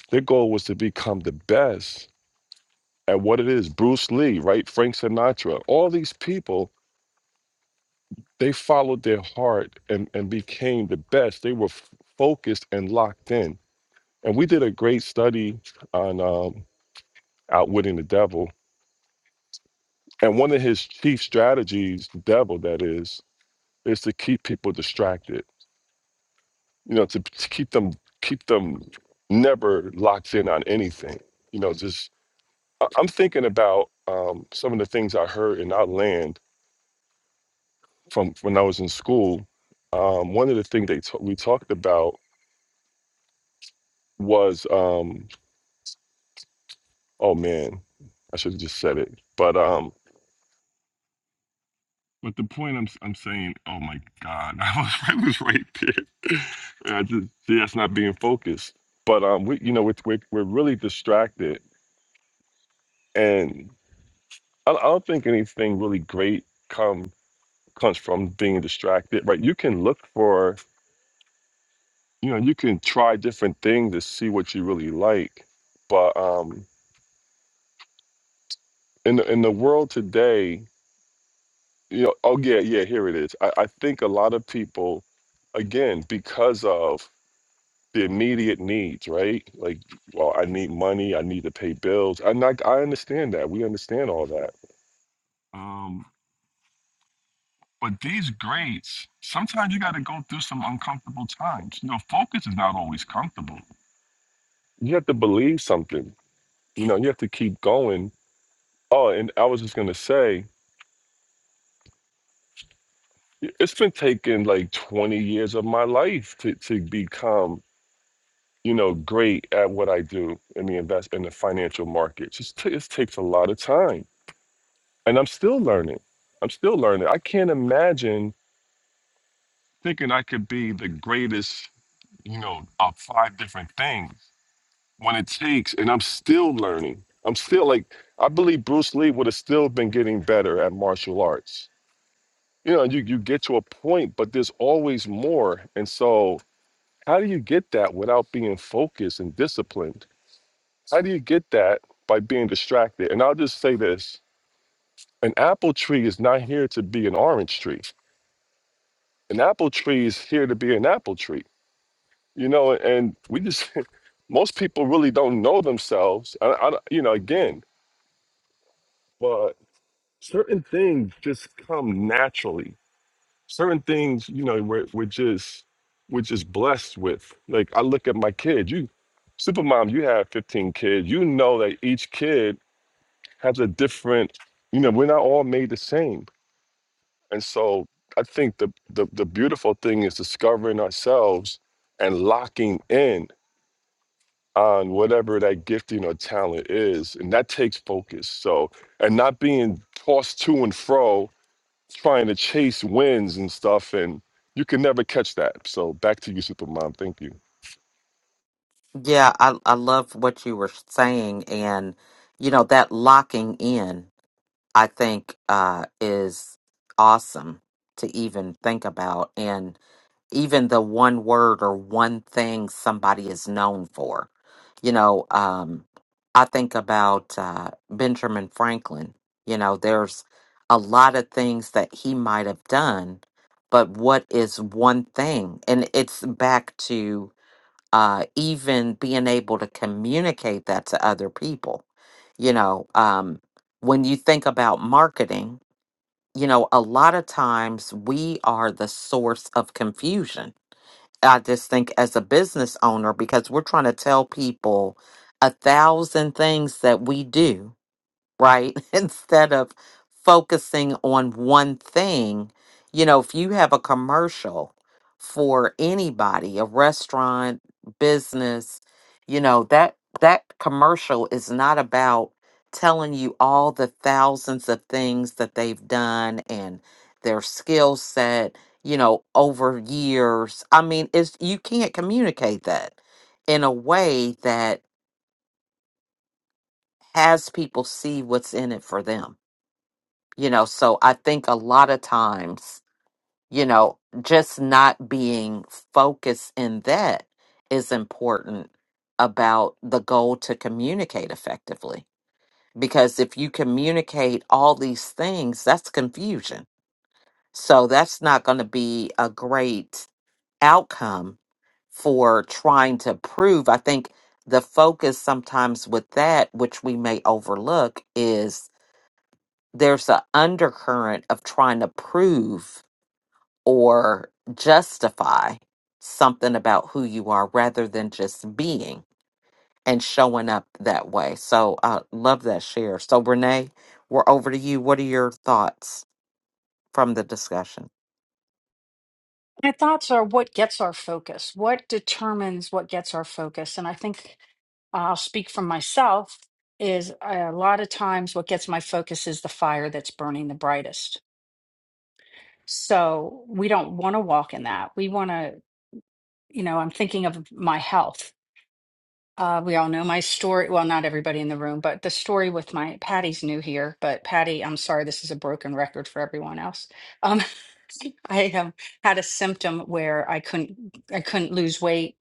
their goal was to become the best at what it is Bruce Lee, right? Frank Sinatra, all these people, they followed their heart and, and became the best. They were f- focused and locked in. And we did a great study on um, outwitting the devil. And one of his chief strategies, the devil that is, is to keep people distracted, you know, to, to keep them keep them never locked in on anything. You know, just I- I'm thinking about um, some of the things I heard in our land from when I was in school, um, one of the things they ta- we talked about was um, oh man, I should have just said it, but um, but the point I'm s- I'm saying, oh my God, I was I was right there. And I just see that's not being focused. But um, we you know we're we're, we're really distracted, and I, I don't think anything really great come comes from being distracted. Right? You can look for you know you can try different things to see what you really like, but um in the, in the world today, you know, oh yeah, yeah, here it is. I, I think a lot of people, again, because of the immediate needs, right? Like, well, I need money, I need to pay bills. And like, I understand that. We understand all that. Um, but these grades, sometimes you got to go through some uncomfortable times. You know, focus is not always comfortable. You have to believe something. You know, you have to keep going. Oh, and I was just gonna say, It's been taking like 20 years of my life to, to become, you know, great at what I do in the invest in the financial markets. It's t- it takes a lot of time, and I'm still learning. I'm still learning. I can't imagine thinking I could be the greatest, you know, of five different things when it takes, and I'm still learning. I'm still like, I believe Bruce Lee would have still been getting better at martial arts. You know, you you get to a point, but there's always more, and so. How do you get that without being focused and disciplined? How do you get that by being distracted? And I'll just say this an apple tree is not here to be an orange tree. An apple tree is here to be an apple tree. You know, and we just, most people really don't know themselves. I, I, you know, again, but certain things just come naturally certain things, you know, we're, we're just we're just blessed with. Like I look at my kids, you supermom, you have 15 kids. You know that each kid has a different, you know, we're not all made the same. And so I think the the, the beautiful thing is discovering ourselves and locking in on whatever that gifting or talent is. And that takes focus. So and not being tossed to and fro trying to chase wins and stuff, and you can never catch that. So back to you, Supermom. Thank you.
Yeah, I I love what you were saying, and you know that locking in, I think, uh, is awesome to even think about. and. even the one word or one thing somebody is known for. You know, um, I think about uh, Benjamin Franklin. You know, there's a lot of things that he might have done, but what is one thing? And it's back to uh, even being able to communicate that to other people. You know, um, when you think about marketing, you know, a lot of times we are the source of confusion I just think as a business owner, because we're trying to tell people a thousand things that we do right? Instead of focusing on one thing, you know, if you have a commercial for anybody, a restaurant, business, you know, that that commercial is not about telling you all the thousands of things that they've done and their skill set, you know, over years. I mean, it's you can't communicate that in a way that has people see what's in it for them you know so i think a lot of times you know just not being focused in that is important about the goal to communicate effectively because if you communicate all these things that's confusion so that's not going to be a great outcome for trying to prove i think the focus sometimes with that which we may overlook is there's an undercurrent of trying to prove or justify something about who you are rather than just being and showing up that way. So I love that share. So Renee, we're over to you. What are your thoughts from the discussion?
my thoughts are what gets our focus what determines what gets our focus and i think uh, i'll speak from myself is a lot of times what gets my focus is the fire that's burning the brightest so we don't want to walk in that. We want to. you know, I'm thinking of my health. Uh, we all know my story. Well, not everybody in the room, but the story with my Patty's new here. But Patty, I'm sorry, this is a broken record for everyone else. Um, I um, had a symptom where I couldn't, I couldn't lose weight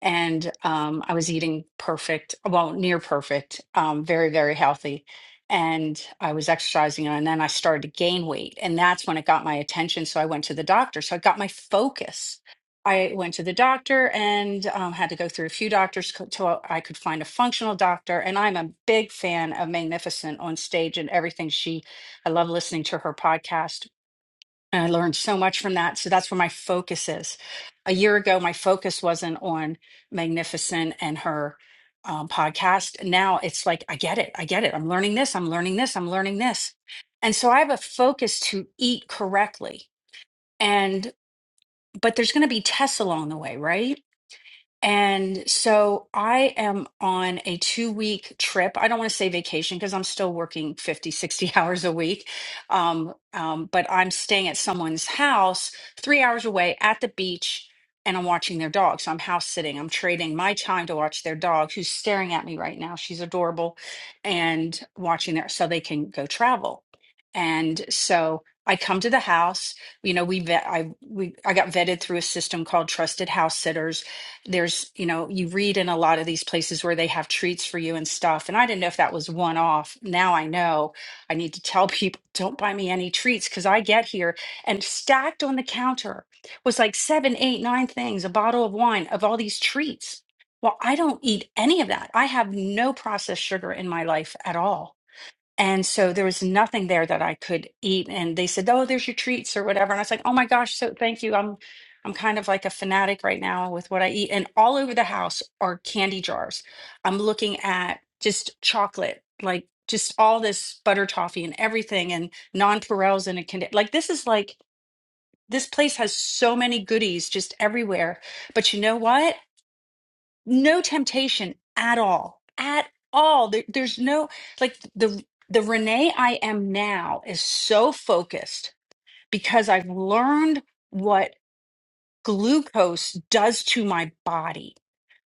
and um, I was eating perfect, well, near perfect, um, very, very healthy. And I was exercising, and then I started to gain weight. And that's when it got my attention. So I went to the doctor. So I got my focus. I went to the doctor and um, had to go through a few doctors co- till I could find a functional doctor. And I'm a big fan of Magnificent on stage and everything she, I love listening to her podcast and I learned so much from that. So that's where my focus is. A year ago, my focus wasn't on Magnificent and her um, podcast. Now it's like, I get it. I get it. I'm learning this. I'm learning this. I'm learning this. And so I have a focus to eat correctly. And, but there's going to be tests along the way, right? And so I am on a two week trip. I don't want to say vacation because I'm still working 50, 60 hours a week. Um, um, but I'm staying at someone's house three hours away at the beach and I'm watching their dog. So I'm house sitting. I'm trading my time to watch their dog who's staring at me right now. She's adorable and watching their so they can go travel. And so I come to the house, you know, we vet, I, we, I got vetted through a system called Trusted House Sitters there's, you know, you read in a lot of these places where they have treats for you and stuff. And I didn't know if that was one off. Now I know I need to tell people don't buy me any treats because I get here and stacked on the counter was like seven, eight, nine things, a bottle of wine of all these treats. Well, I don't eat any of that. I have no processed sugar in my life at all. And so there was nothing there that I could eat. And they said, Oh, there's your treats or whatever. And I was like, Oh my gosh, so thank you. I'm I'm kind of like a fanatic right now with what I eat. And all over the house are candy jars. I'm looking at just chocolate, like just all this butter toffee and everything and nonpareils and a candy. Like this is like this place has so many goodies just everywhere. But you know what? no temptation at all at all there, there's no like the the renee i am now is so focused because i've learned what glucose does to my body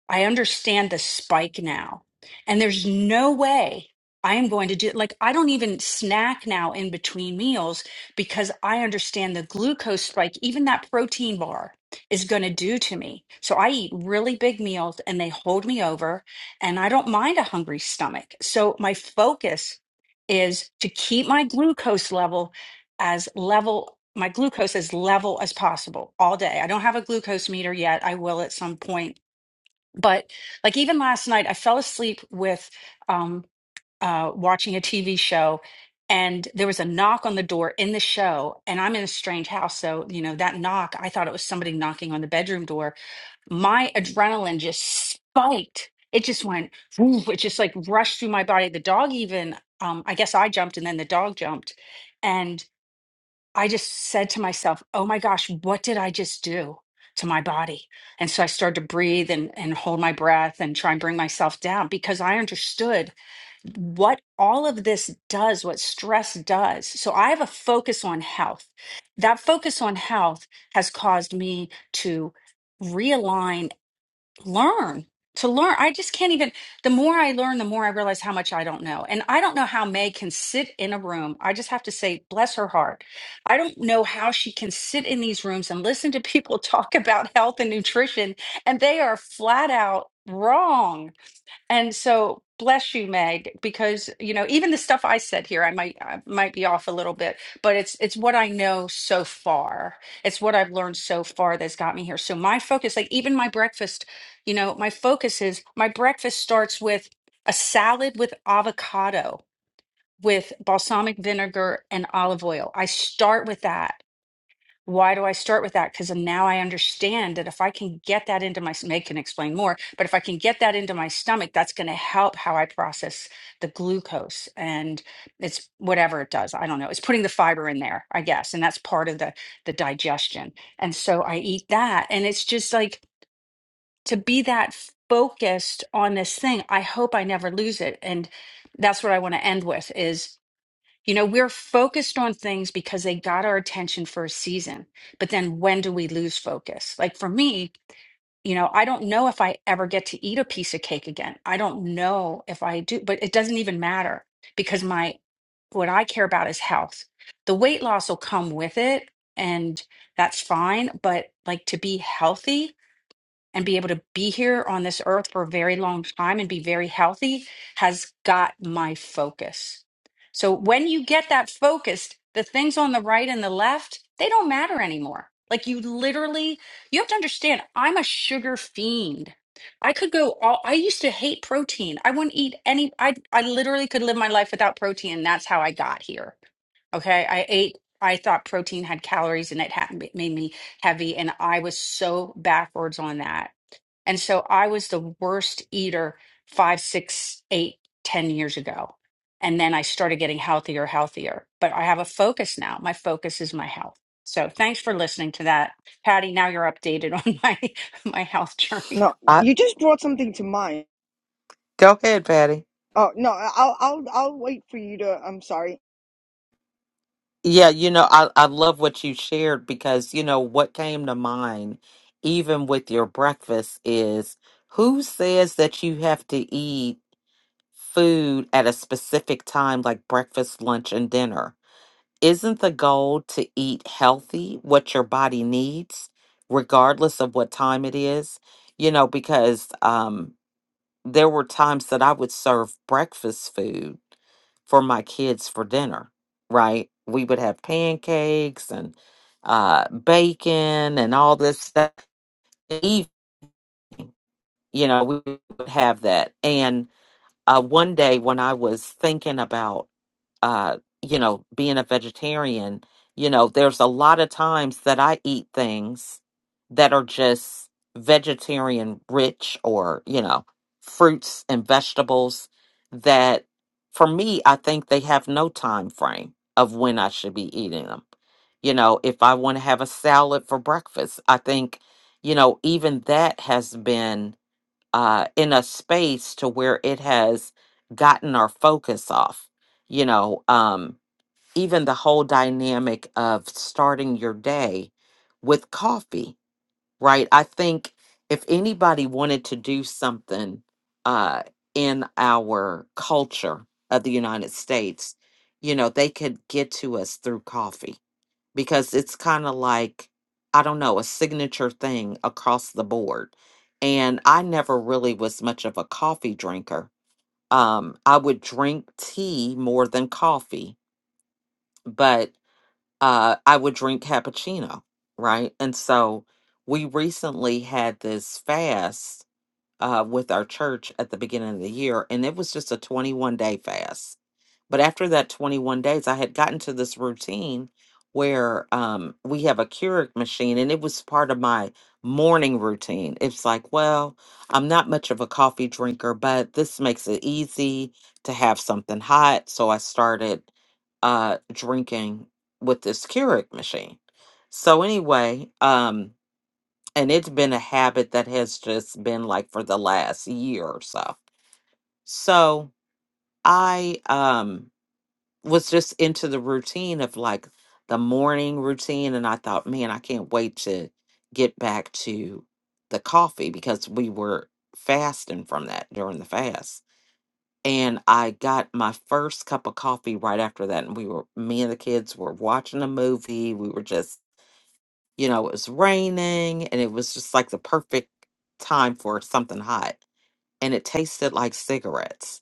I understand the spike now. And there's no way I am going to do Like, I don't even snack now in between meals because I understand the glucose spike, even that protein bar is going to do to me. So I eat really big meals and they hold me over, and I don't mind a hungry stomach. So my focus is to keep my glucose level as level. My glucose as level as possible all day. I don't have a glucose meter yet. I will at some point but like even last night i fell asleep with um uh watching a tv show and there was a knock on the door in the show and i'm in a strange house so you know that knock i thought it was somebody knocking on the bedroom door my adrenaline just spiked it just went woof, it just like rushed through my body the dog even um i guess i jumped and then the dog jumped and. I just said to myself, oh my gosh, what did I just do to my body? And so I started to breathe and, and hold my breath and try and bring myself down because I understood what all of this does, what stress does. So I have a focus on health. That focus on health has caused me to realign learn to learn i just can't even the more i learn the more i realize how much i don't know and i don't know how may can sit in a room i just have to say bless her heart i don't know how she can sit in these rooms and listen to people talk about health and nutrition and they are flat out wrong and so, bless you, Meg, because you know even the stuff I said here, I might I might be off a little bit, but it's it's what I know so far. It's what I've learned so far that's got me here. So my focus, like even my breakfast, you know, my focus is my breakfast starts with a salad with avocado with balsamic vinegar and olive oil. I start with that. Why do I start with that? Because now I understand that if I can get that into my, s- Meg can explain more, but if I can get that into my stomach, that's going to help how I process the glucose and it's whatever it does. I don't know. It's putting the fiber in there, I guess. And that's part of the, the digestion. And so I eat that. And it's just like to be that focused on this thing. I hope I never lose it. And that's what I want to end with is you know, we're focused on things because they got our attention for a season. But then when do we lose focus? Like for me, you know, I don't know if I ever get to eat a piece of cake again. I don't know if I do, but it doesn't even matter because my what I care about is health. The weight loss will come with it and that's fine, but like to be healthy, and be able to be here on this earth for a very long time and be very healthy has got my focus. So when you get that focused, the things on the right and the left, they don't matter anymore. Like you literally, you have to understand, I'm a sugar fiend. I could go all, I used to hate protein. I wouldn't eat any, I, I literally could live my life without protein. And that's how I got here. Okay. I ate, I thought protein had calories and it had, it made me heavy. And I was so backwards on that and so I was the worst eater five, six, eight, ten years ago. And then I started getting healthier, healthier. But I have a focus now. My focus is my health. So thanks for listening to that. Patty, now you're updated on my my health journey.
No,
I,
you just brought something to mind.
go ahead, Patty.
Oh no, I'll I'll I'll wait for you to. I'm sorry.
Yeah, you know, I, I love what you shared because, you know, what came to mind, even with your breakfast, is who says that you have to eat? food at a specific time, like breakfast, lunch, and dinner. Isn't the goal to eat healthy, what your body needs, regardless of what time it is? You know, because um, there were times that I would serve breakfast food for my kids for dinner, right? We would have pancakes and uh, bacon and all this stuff. Eve- You know, we would have that. And uh, one day when I was thinking about uh, you know, being a vegetarian, you know, there's a lot of times that I eat things that are just vegetarian rich or, you know, fruits and vegetables that for me, I think they have no time frame of when I should be eating them. You know, if I want to have a salad for breakfast, I think, you know, even that has been uh, in a space to where it has gotten our focus off. You know, um, even the whole dynamic of starting your day with coffee, right? I think if anybody wanted to do something uh, in our culture of the United States, you know, they could get to us through coffee because it's kind of like I don't know, a signature thing across the board. And I never really was much of a coffee drinker. Um, I would drink tea more than coffee, but uh, I would drink cappuccino, right? And so we recently had this fast uh, with our church at the beginning of the year, and it was just a 21 day fast but after that 21 days, I had gotten to this routine where um, we have a Keurig machine, and it was part of my morning routine. It's like, well, I'm not much of a coffee drinker, but this makes it easy to have something hot. So I started uh, drinking with this Keurig machine. So anyway, um, and it's been a habit that has just been like for the last year or so. So I um was just into the routine of like the morning routine and I thought, man, I can't wait to get back to the coffee because we were fasting from that during the fast. And I got my first cup of coffee right after that and we were me and the kids were watching a movie. We were just, you know, it was raining and it was just like the perfect time for something hot. And it tasted like cigarettes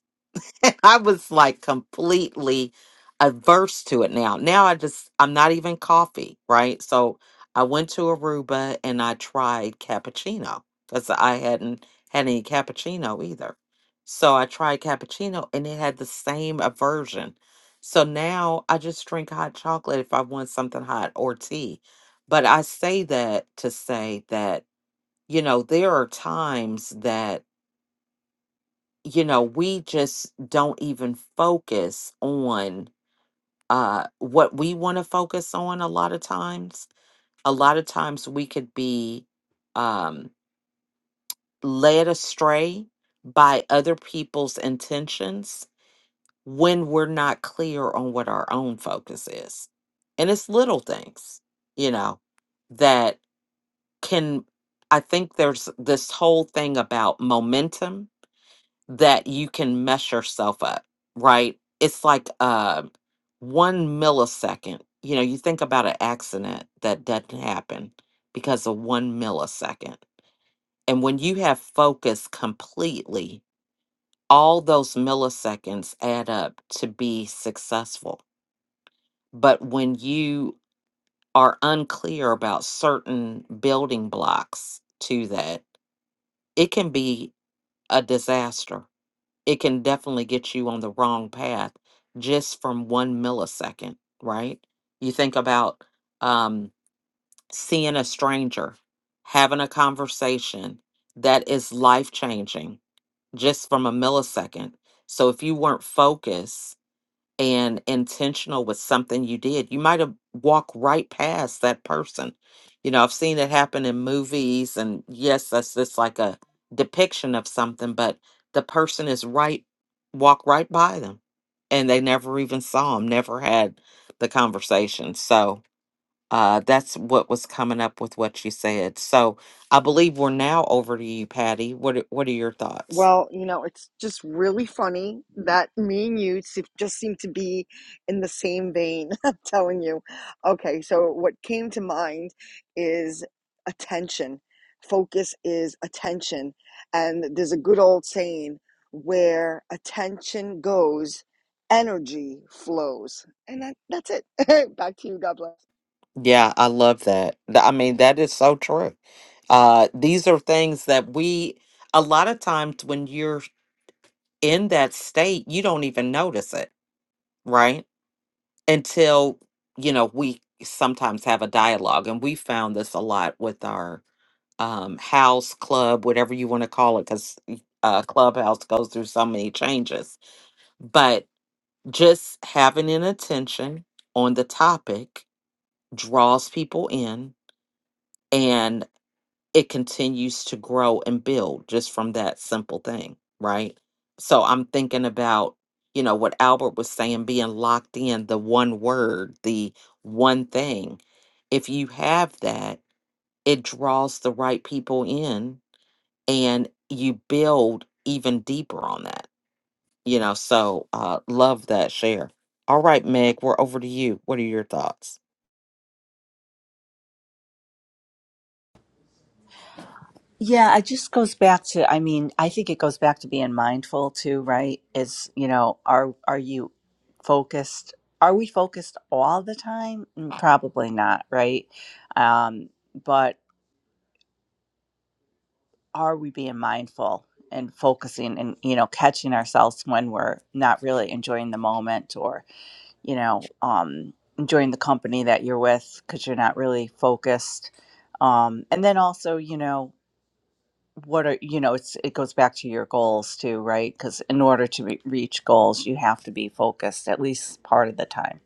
And I was like completely averse to it now. Now I just I'm not even coffee, right? So I went to Aruba and I tried cappuccino because I hadn't had any cappuccino either. So I tried cappuccino and it had the same aversion. So now I just drink hot chocolate if I want something hot or tea. But I say that to say that, you know, there are times that you know, we just don't even focus on uh, what we want to focus on a lot of times. A lot of times we could be um, led astray by other people's intentions when we're not clear on what our own focus is. And it's little things, you know, that can, I think there's this whole thing about momentum that you can mess yourself up, right? It's like uh, one millisecond. You know, you think about an accident that doesn't happen because of one millisecond. And when you have focus completely, all those milliseconds add up to be successful. But when you are unclear about certain building blocks to that, it can be a disaster it can definitely get you on the wrong path just from one millisecond, right? You think about um, seeing a stranger, having a conversation that is life changing just from a millisecond. So if you weren't focused and intentional with something you did, you might have walked right past that person. You know, I've seen it happen in movies, and yes, that's just like a depiction of something, but the person is right, walk right by them, and they never even saw them, never had the conversation. So uh, that's what was coming up with what you said. So I believe we're now over to you, Patty. What are, What are your thoughts?
Well, you know, it's just really funny that me and you se- just seem to be in the same vein. I'm telling you. Okay, so what came to mind is attention. Focus is attention. And there's a good old saying where attention goes, energy flows. And that, that's it. Back to you. God bless.
Yeah, I love that. Th- I mean, that is so true. Uh, these are things that we, a lot of times when you're in that state, you don't even notice it, right? Until, you know, we sometimes have a dialogue. And we found this a lot with our um, house, club, whatever you want to call it, because uh, Clubhouse goes through so many changes. But just having an attention on the topic draws people in it continues to grow and build just from that simple thing, right? So I'm thinking about, you know, what Albert was saying being locked in the one word, the one thing. If you have that, it draws the right people in and you build even deeper on that, you know. So, uh, love that share. All right, Meg, we're over to you. What are your thoughts?
Yeah, it just goes back to, I mean, I think it goes back to being mindful too, right? Is, you know, are are you focused? Are we focused all the time? Mm, Probably not, right? Um, but are we being mindful and focusing and, you know, catching ourselves when we're not really enjoying the moment or? you know, um, enjoying the company that you're with because you're not really focused. Um, and then also, you know, what are you know, it's it goes back to your goals too, right? Because in order to re- reach goals, you have to be focused at least part of the time.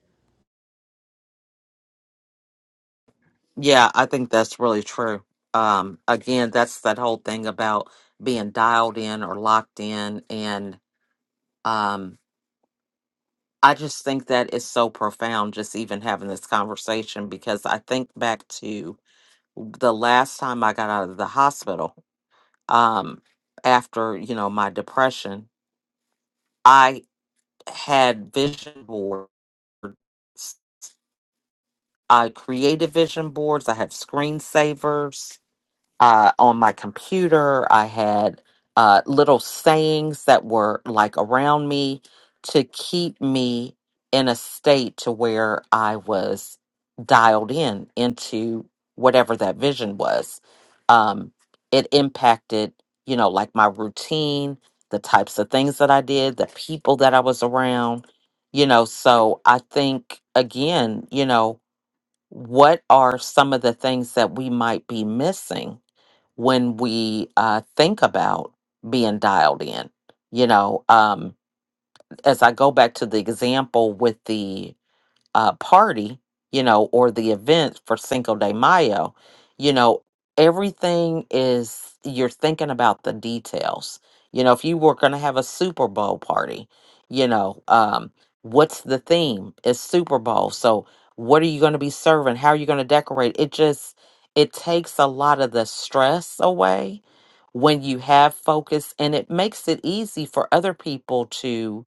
Yeah, I think that's really true. Um, again, that's that whole thing about being dialed in or locked in. And um, I just think that is so profound, just even having this conversation, because I think back to the last time I got out of the hospital um, after, you know, my depression, I had vision boards. I created vision boards, I have screensavers uh, on my computer. I had uh, little sayings that were like around me to keep me in a state to where I was dialed in into whatever that vision was. Um, it impacted, you know, like my routine, the types of things that I did, the people that I was around, you know. So I think, again, you know, what are some of the things that we might be missing? when we uh, think about being dialed in. You know, um, as I go back to the example with the uh, party, you know, or the event for Cinco de Mayo, you know, everything is, you're thinking about the details. You know, if you were going to have a Super Bowl party, you know, um, what's the theme? It's Super Bowl. So what are you going to be serving? How are you going to decorate? It just, it takes a lot of the stress away when you have focus and it makes it easy for other people to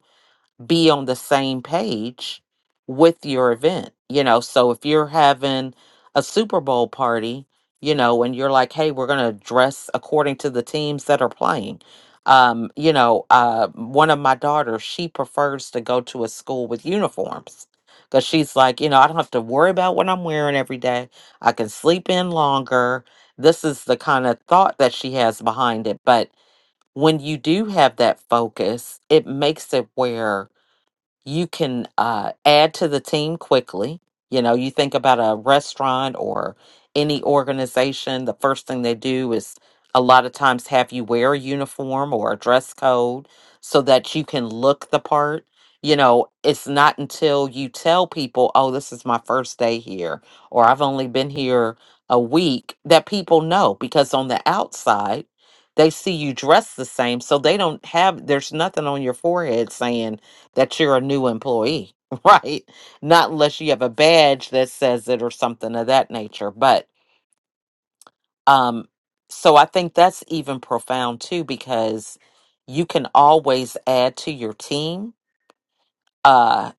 be on the same page with your event. You know, so if you're having a Super Bowl party, you know, and you're like, hey, we're going to dress according to the teams that are playing. Um, you know, uh, one of my daughters, she prefers to go to a school with uniforms because she's like, you know, I don't have to worry about what I'm wearing every day. I can sleep in longer. This is the kind of thought that she has behind it. But when you do have that focus, it makes it where you can uh, add to the team quickly. You know, you think about a restaurant or any organization, the first thing they do is a lot of times have you wear a uniform or a dress code so that you can look the part. You know, it's not until you tell people, oh, this is my first day here, or I've only been here a week, that people know because on the outside, they see you dressed the same. So they don't have, there's nothing on your forehead saying, that you're a new employee, right? Not unless you have a badge that says it or something of that nature. But um so I think that's even profound too because you can always add to your team uh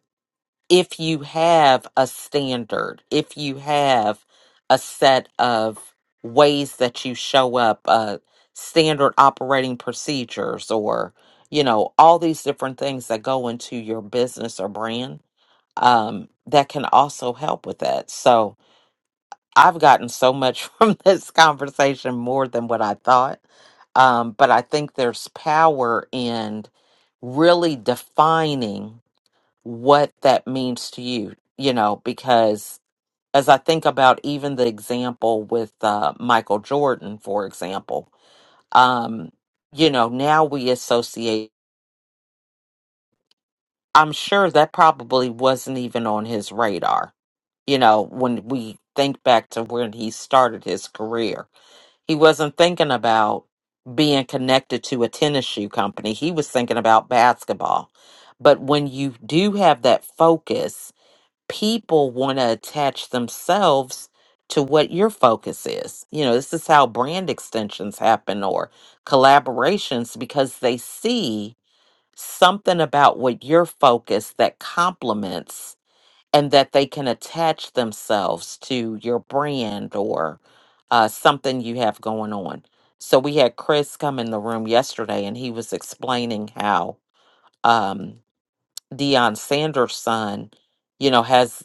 if you have a standard, if you have a set of ways that you show up, uh standard operating procedures or you know all these different things that go into your business or brand um, that can also help with that. So I've gotten so much from this conversation more than what I thought. Um, but I think there's power in really defining what that means to you, you know, because as I think about even the example with uh, Michael Jordan, for example, um, you know, now we associate, I'm sure that probably wasn't even on his radar you know, when we think back to when he started his career, he wasn't thinking about being connected to a tennis shoe company. He was thinking about basketball. But when you do have that focus, people want to attach themselves to what your focus is. You know, this is how brand extensions happen or collaborations because they see something about what your focus that complements and that they can attach themselves to your brand or uh, something you have going on. So we had Chris come in the room yesterday, and he was explaining how um, Deion Sanders' son, you know, has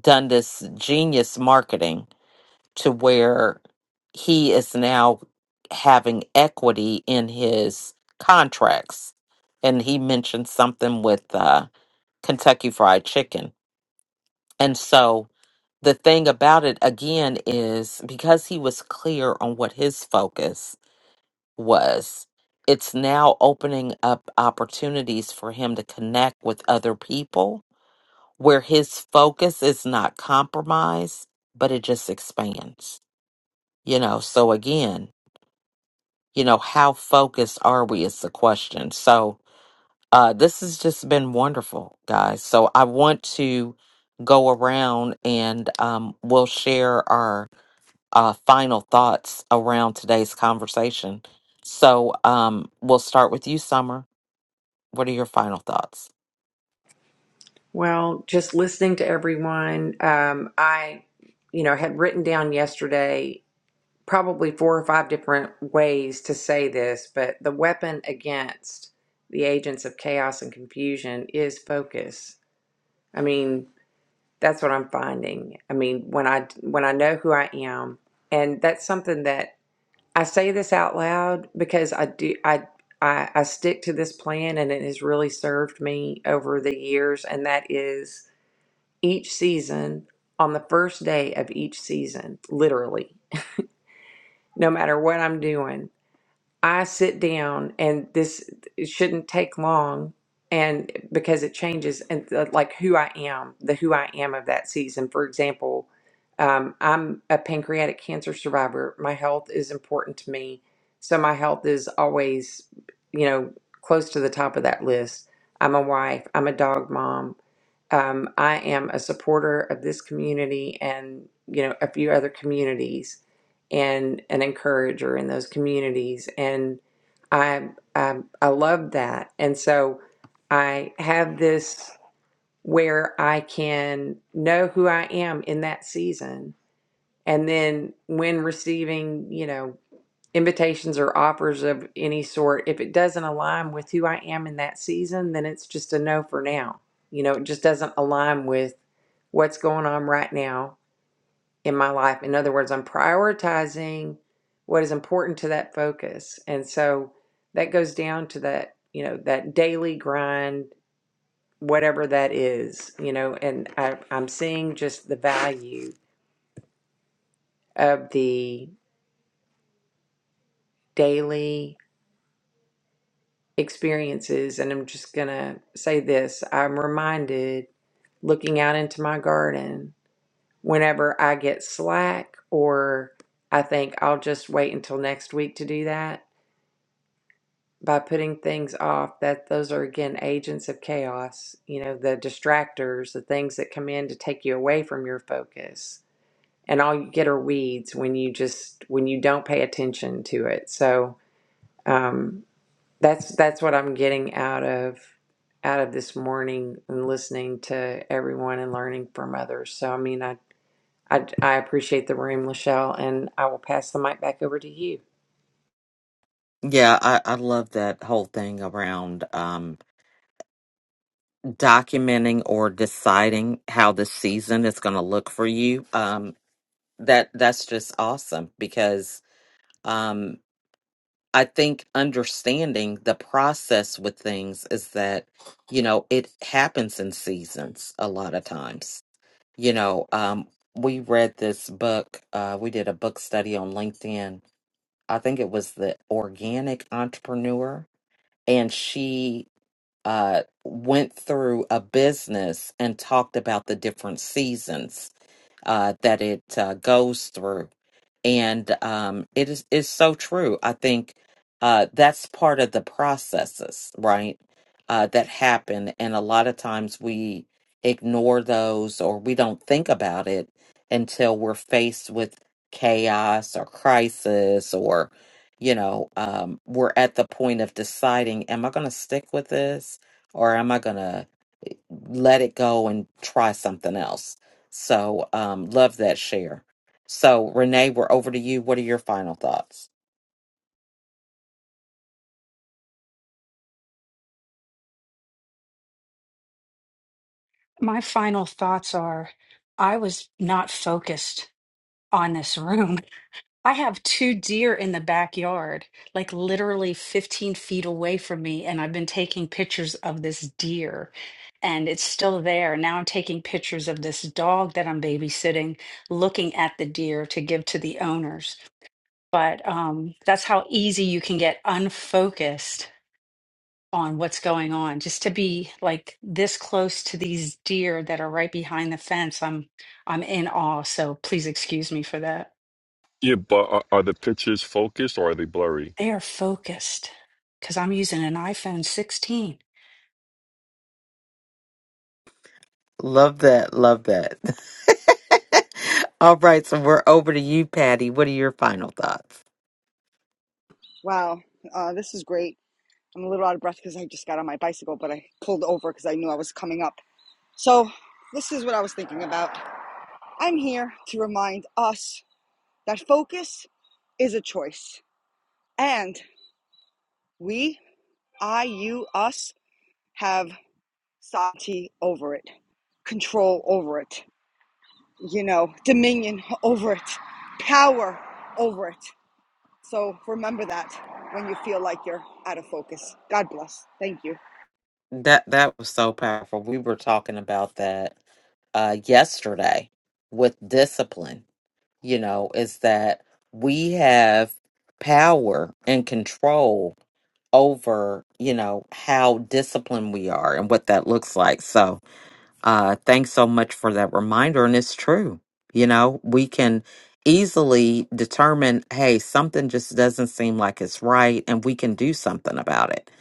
done this genius marketing to where he is now having equity in his contracts, and he mentioned something with uh, Kentucky Fried Chicken, and so the thing about it again is because he was clear on what his focus was, it's now opening up opportunities for him to connect with other people where his focus is not compromised, but it just expands. You know, so again, you know, how focused are we is the question. So, uh, this has just been wonderful, guys. So, I want to go around and um, we'll share our uh, final thoughts around today's conversation. So um, we'll start with you, Summer. What are your final thoughts?
Well, just listening to everyone, um, I, you know, had written down yesterday probably four or five different ways to say this, but the weapon against the agents of chaos and confusion is focus. I mean, that's what I'm finding. I mean, when I when I know who I am, and that's something that I say this out loud because I do I I, I stick to this plan, and it has really served me over the years. And that is each season on the first day of each season, literally, no matter what I'm doing. I sit down and this it shouldn't take long and because it changes and uh, like who I am, the who I am of that season. For example, um, I'm a pancreatic cancer survivor. My health is important to me. So my health is always, you know, close to the top of that list. I'm a wife, I'm a dog mom. Um, I am a supporter of this community and, you know, a few other communities and an encourager in those communities and I I, I love that and so I have this where I can know who I am in that season and then when receiving you know invitations or offers of any sort if it doesn't align with who I am in that season then it's just a no for now you know it just doesn't align with what's going on right now in my life. In other words, I'm prioritizing what is important to that focus. And so that goes down to that, you know, that daily grind, whatever that is, you know, and I, I'm seeing just the value of the daily experiences. And I'm just going to say this I'm reminded looking out into my garden whenever I get slack or I think I'll just wait until next week to do that by putting things off that those are again agents of chaos you know the distractors the things that come in to take you away from your focus and all you get are weeds when you just when you don't pay attention to it so um, that's that's what i'm getting out of out of this morning and listening to everyone and learning from others so i mean i i, I appreciate the room lachelle and i will pass the mic back over to you
Yeah, I, I love that whole thing around um, documenting or deciding how the season is going to look for you. Um, that that's just awesome because um, I think understanding the process with things is that you know it happens in seasons a lot of times you know, um, we read this book. Uh, we did a book study on LinkedIn. I think it was the organic entrepreneur, and she uh, went through a business and talked about the different seasons uh, that it uh, goes through and um, it is is so true. I think uh, that's part of the processes, right? Uh, that happen, and a lot of times we ignore those or we don't think about it until we're faced with chaos or crisis, or you know, um, we're at the point of deciding: Am I going to stick with this, or am I going to? let it go and try something else. So, um, love that share. So, Renee, we're over to you. What are your final thoughts?
My final thoughts are I was not focused on this room. I have two deer in the backyard, like literally 15 feet away from me, and I've been taking pictures of this deer and it's still there. Now I'm taking pictures of this dog that I'm babysitting, looking at the deer to give to the owners. But um, that's how easy you can get unfocused on what's going on. Just to be like this close to these deer that are right behind the fence, I'm I'm in awe. So please excuse me for that.
Yeah, but are, are the pictures focused or are they blurry?
They are focused because I'm using an iPhone 16.
Love that. Love that. All right, so we're over to you, Patty. What are your final thoughts?
Wow, uh, this is great. I'm a little out of breath because I just got on my bicycle, but I pulled over because I knew I was coming up. So, this is what I was thinking about. I'm here to remind us that focus is a choice. And we, I, you, us, have sovereignty over it, control over it, you know, dominion over it, power over it. So, remember that when you feel like you're out of focus. God bless. Thank you.
That that was so powerful. We were talking about that uh, yesterday with discipline. You know, is that we have power and control over, you know, how disciplined we are and what that looks like. So, uh, thanks so much for that reminder. And it's true. You know, we can easily determine, hey, something just doesn't seem like it's right, and we can do something about it.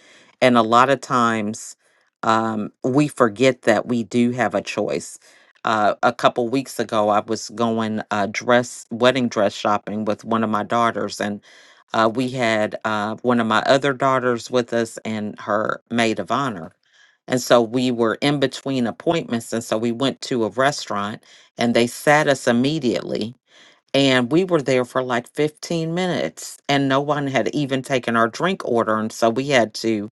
And a lot of times um, we forget that we do have a choice. Uh, a couple weeks ago, I was going uh, dress wedding dress shopping with one of my daughters, and uh, we had uh, one of my other daughters with us and her maid of honor and so we were in between appointments. And so we went to a restaurant and they sat us immediately. And we were there for like 15 minutes and no one had even taken our drink order. And so we had to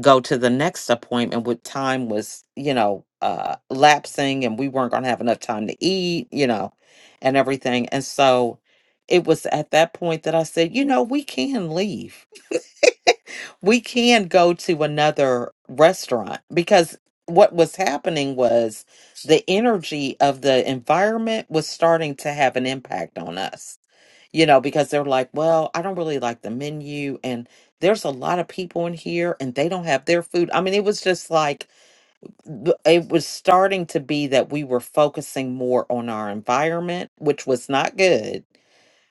go to the next appointment with time was, you know, uh, lapsing and we weren't going to have enough time to eat, you know, and everything. And so it was at that point that I said, you know, we can leave we can go to another restaurant because what was happening was the energy of the environment was starting to have an impact on us. You know, because they're like, well, I don't really like the menu and there's a lot of people in here and they don't have their food. I mean, it was just like th- it was starting to be that we were focusing more on our environment, which was not good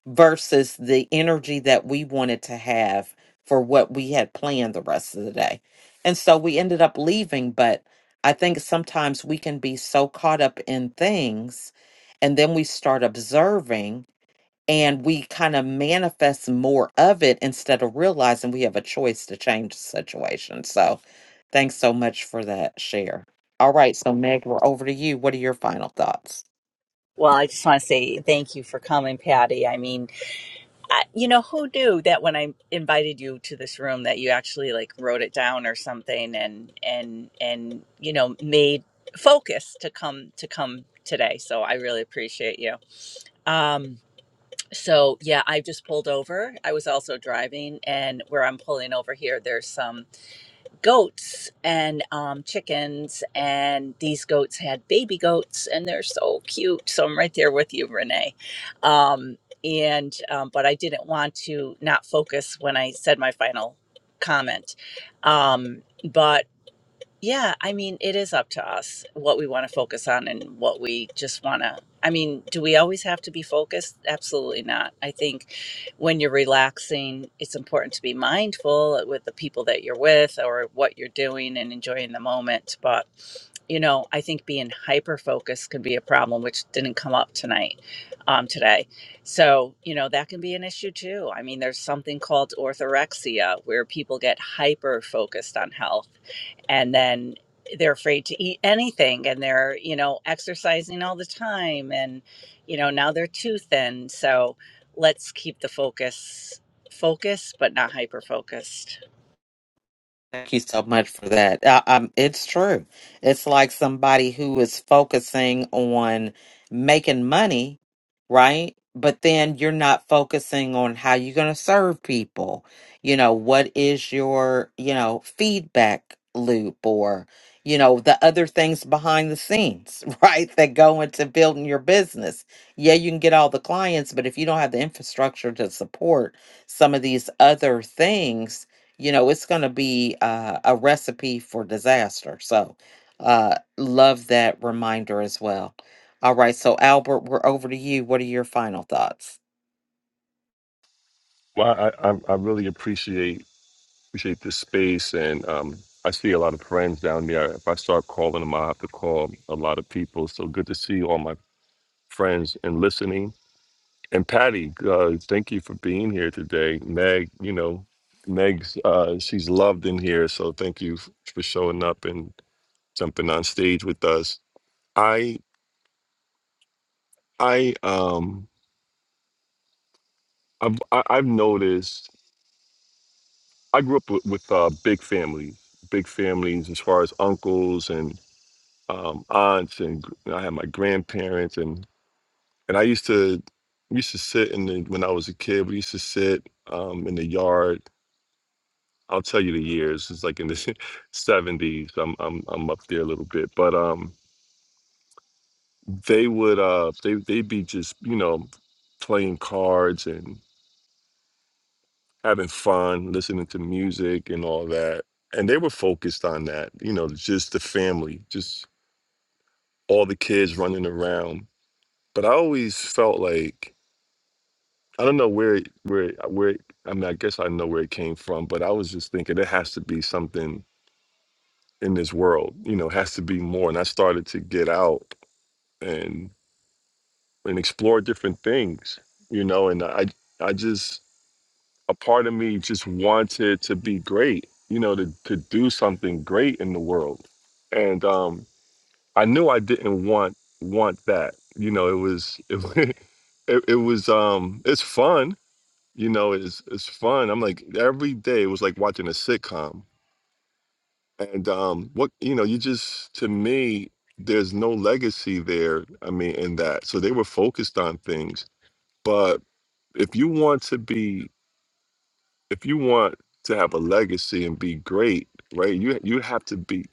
versus the energy that we wanted to have for what we had planned the rest of the day. And so we ended up leaving, but I think sometimes we can be so caught up in things and then we start observing and we kind of manifest more of it instead of realizing we have a choice to change the situation. So thanks so much for that share. All right, so Meg, we're over to you. What are your final thoughts?
Well, I just want to say thank you for coming, Patty. I mean, I, you know who knew that when I invited you to this room that you actually like wrote it down or something and and and you know made focus to come to come today. So I really appreciate you. Um so yeah, I just pulled over. I was also driving and where I'm pulling over here there's some goats and um, chickens, and these goats had baby goats, and they're so cute. So I'm right there with you, Renee. Um, and um, but I didn't want to not focus when I said my final comment. Um, but yeah, I mean, it is up to us what we want to focus on and what we just want to. I mean, do we always have to be focused? Absolutely not. I think when you're relaxing, it's important to be mindful with the people that you're with or what you're doing and enjoying the moment. But, you know, I think being hyper focused can be a problem, which didn't come up tonight, um, today. So, you know, that can be an issue too. I mean, there's something called orthorexia where people get hyper focused on health and then they're afraid to eat anything and they're you know exercising all the time and you know now they're too thin so let's keep the focus focused but not hyper focused
Thank you so much for that. Uh, um, it's true. It's like somebody who is focusing on making money, right? But then you're not focusing on how you're going to serve people. You know, what is your, you know, feedback loop or, you know, the other things behind the scenes, right? That go into building your business. Yeah, you can get all the clients, but if you don't have the infrastructure to support some of these other things, you know it's going to be uh, a recipe for disaster so uh love that reminder as well all right so albert we're over to you what are your final thoughts
Well, I I, I really appreciate appreciate the space, and um, I see a lot of friends down there. If I start calling them, I have to call a lot of people. So good to see all my friends and listening. And Patty, uh, thank you for being here today. Meg, you know, Meg's uh, she's loved in here, so thank you f- for showing up and jumping on stage with us. I I um I've I- I've noticed I grew up with, with uh, big families, big families as far as uncles and um, aunts, and gr- and I had my grandparents, and and I used to used to sit in the when I was a kid. We used to sit um, in the yard. I'll tell you the years. It's like in the seventies. I'm I'm I'm up there a little bit, but um, they would uh they they'd be just you know playing cards and. having fun, listening to music and all that. And they were focused on that, you know, just the family, just all the kids running around. But I always felt like I don't know where it- where it- where it- I mean, I guess I know where it came from, but I was just thinking there has to be something in this world, you know, it has to be more. And I started to get out and and explore different things, you know, and I I just a part of me just wanted to be great, you know, to, to do something great in the world. And um, I knew I didn't want want that. You know, it was it, wa- it, it was um it's fun, you know, it's it's fun. I'm like every day it was like watching a sitcom. And um what you know, you just to me there's no legacy there, I mean, in that. So they were focused on things, but if you want to be if you want to have a legacy and be great, right? You you have to be,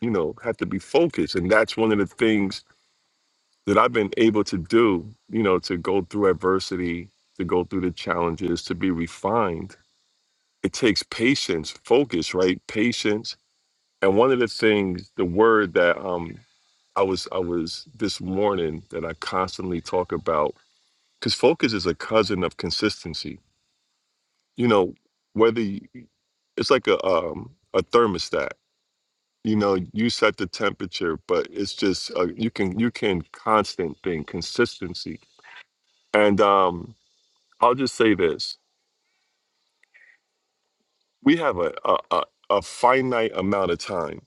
you know, have to be focused, and that's one of the things that I've been able to do, you know, to go through adversity, to go through the challenges, to be refined. It takes patience, focus, right? Patience. And one of the things, the word that um I was I was this morning that I constantly talk about, because focus is a cousin of consistency you know whether you, it's like a um a thermostat you know you set the temperature but it's just uh, you can you can constant thing consistency and um i'll just say this we have a a, a, a finite amount of time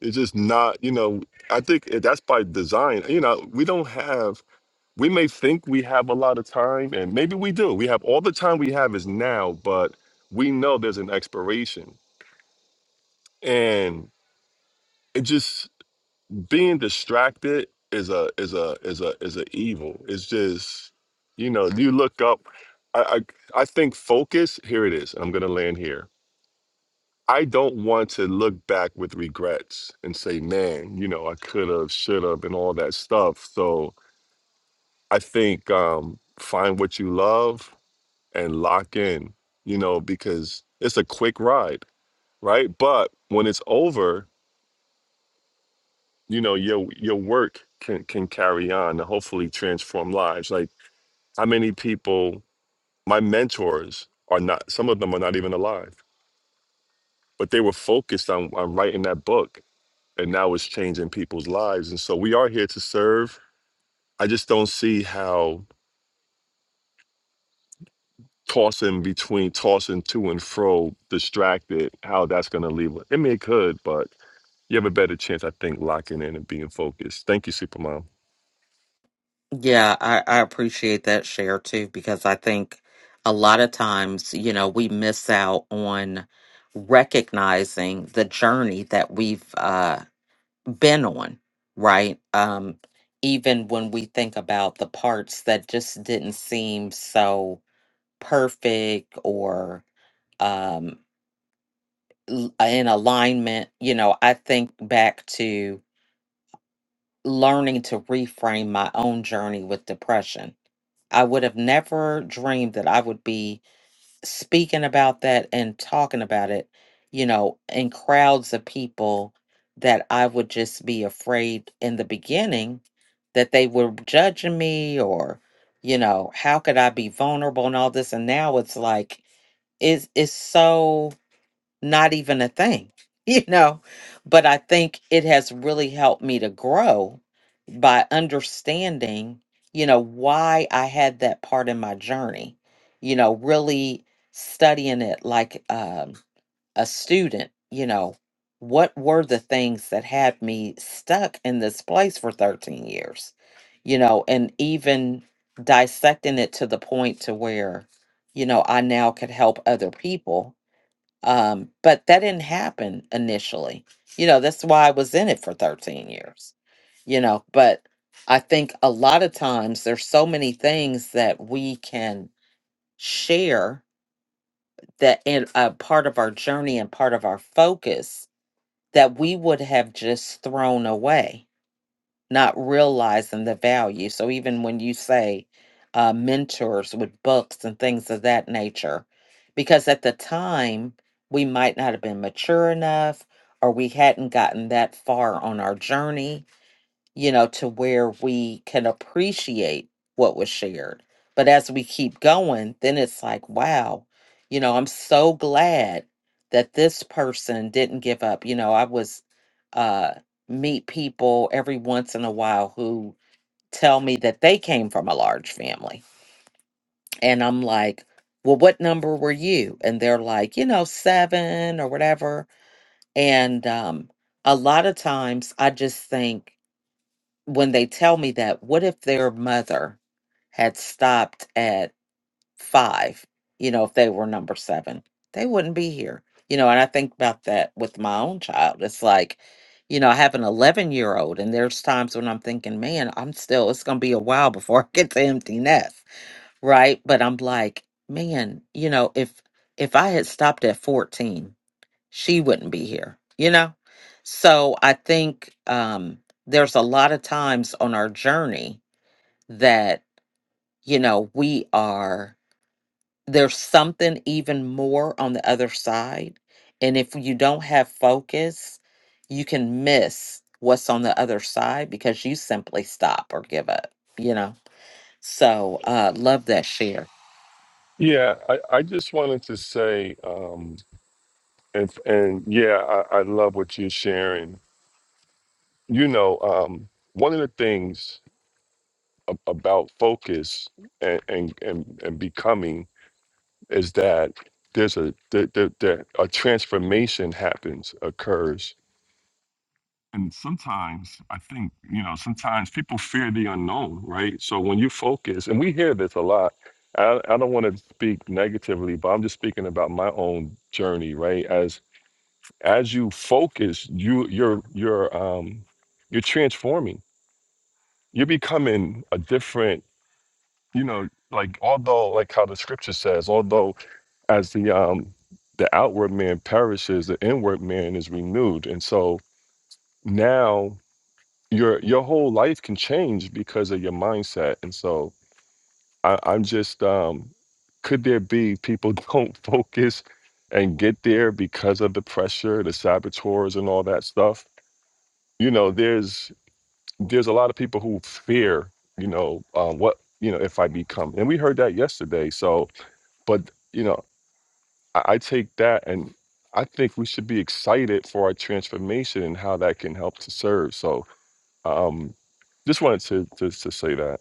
it's just not you know i think it- that's by design you know we don't have we may think we have a lot of time and maybe we do we have all the time we have is now but we know there's an expiration and it just being distracted is a is a is a is a evil. It's just you know you look up. I I, I think focus. Here it is. I'm gonna land here. I don't want to look back with regrets and say, man, you know, I could have, should have, and all that stuff. So I think um, find what you love and lock in, you know, because it's a quick ride, right? But when it's over, you know your your work can can carry on and hopefully transform lives like how many people my mentors are not some of them are not even alive but they were focused on, on writing that book and now it's changing people's lives and so we are here to serve i just don't see how tossing between tossing to and fro distracted how that's going to leave i mean it could but you have a better chance i think locking in and being focused thank you supermom
Yeah, I, I appreciate that share too, because I think a lot of times, you know, we miss out on recognizing the journey that we've uh, been on, right? Um, even when we think about the parts that just didn't seem so perfect or um l- uh, in alignment you know i think back to learning to reframe my own journey with depression i would have never dreamed that i would be speaking about that and talking about it you know in crowds of people that i would just be afraid in the beginning that they were judging me or you know how could i be vulnerable and all this and now it's like it's it's so not even a thing, you know. But I think it has really helped me to grow by understanding, you know, why I had that part in my journey, you know, really studying it like um, a student, you know, what were the things that had me stuck in this place for 13 years, you know, and even dissecting it to the point to where, you know, I now could help other people um, but that didn't happen initially. You know, that's why I was in it for 13 years, you know. But I think a lot of times there's so many things that we can share that in a part of our journey and part of our focus that we would have just thrown away not realizing the value. So even when you say uh, mentors with books and things of that nature, because at the time we might not have been mature enough or we hadn't gotten that far on our journey you know, to where we can appreciate what was shared. But as we keep going, then it's like, wow, you know, I'm so glad that this person didn't give up. You know, I was uh meet people every once in a while who tell me that they came from a large family. And I'm like, well, what number were you? And they're like, you know, seven or whatever. And um, a lot of times I just think when they tell me that, what if their mother had stopped at five, you know, if they were number seven, they wouldn't be here. You know, and I think about that with my own child. It's like, you know, I have an 11 year old, and there's times when I'm thinking, man, I'm still, it's going to be a while before I get to empty nest. Right. But I'm like, man, you know, if, if I had stopped at 14, she wouldn't be here, you know? So I think um, there's a lot of times on our journey that, you know, we are, there's something even more on the other side. And if you don't have focus, you can miss what's on the other side because you simply stop or give up, you know? So uh, love that share.
yeah i, I just wanted to say um, And and yeah, I, I love what you're sharing. You know, um, one of the things a- about focus and and and, and becoming is that there's a the, the, the, a transformation happens occurs. And sometimes I think you know sometimes people fear the unknown, right? So when you focus, and we hear this a lot. I, I don't want to speak negatively, but I'm just speaking about my own journey, right? As as you focus you you're you're um you're transforming you're becoming a different you know like although like how the scripture says although as the um the outward man perishes the inward man is renewed and so now your your whole life can change because of your mindset and so I, i'm just um could there be people don't focus and get there because of the pressure the saboteurs and all that stuff you know there's there's a lot of people who fear, you know, um, what you know if I become, and we heard that yesterday. So, but you know, I, I take that, and I think we should be excited for our transformation and how that can help to serve. So, um, just wanted to to, to say that.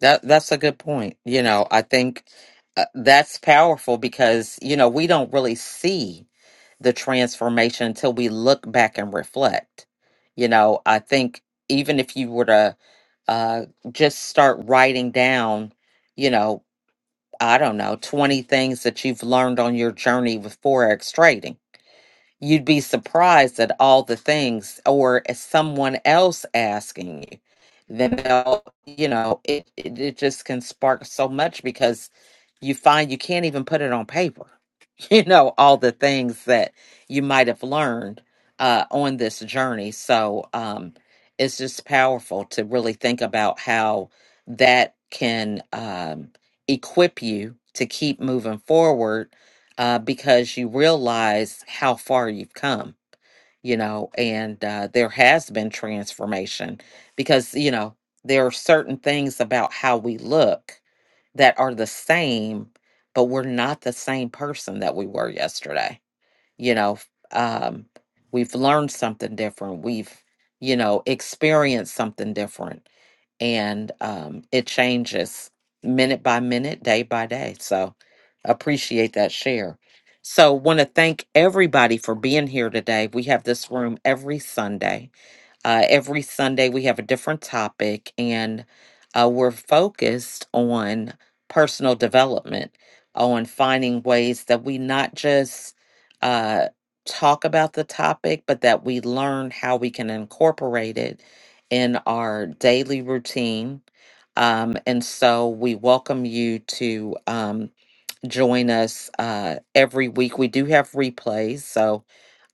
That that's a good point. You know, I think uh, that's powerful because you know we don't really see the transformation until we look back and reflect. You know, I think even if you were to uh, just start writing down, you know, I don't know, twenty things that you've learned on your journey with forex trading you'd be surprised at all the things or as someone else asking you then they'll you know it, it it just can spark so much because you find you can't even put it on paper you know all the things that you might have learned uh on this journey so um it's just powerful to really think about how that can um equip you to keep moving forward uh, because you realize how far you've come, you know, and uh, there has been transformation because, you know, there are certain things about how we look that are the same, but we're not the same person that we were yesterday. You know, f- um, we've learned something different. We've, you know, experienced something different and um, it changes minute by minute, day by day. So appreciate that share. So want to thank everybody for being here today. We have this room every Sunday uh, every Sunday, we have a different topic, and uh, we're focused on personal development, on finding ways that we not just uh, talk about the topic, but that we learn how we can incorporate it in our daily routine. Um, and so we welcome you to um, join us uh, every week. We do have replays, so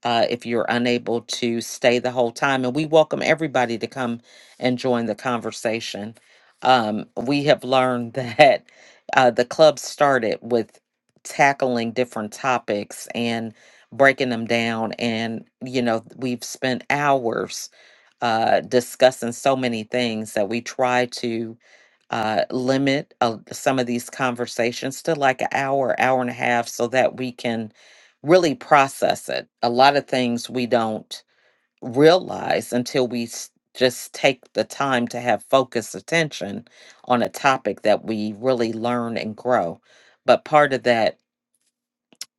uh, if you're unable to stay the whole time. And we welcome everybody to come and join the conversation. Um, we have learned that uh, the club started with tackling different topics and breaking them down. And, you know, we've spent hours uh, discussing so many things that we try to uh, limit uh, some of these conversations to like an hour, hour and a half, so that we can really process it. A lot of things we don't realize until we s- just take the time to have focused attention on a topic that we really learn and grow. But part of that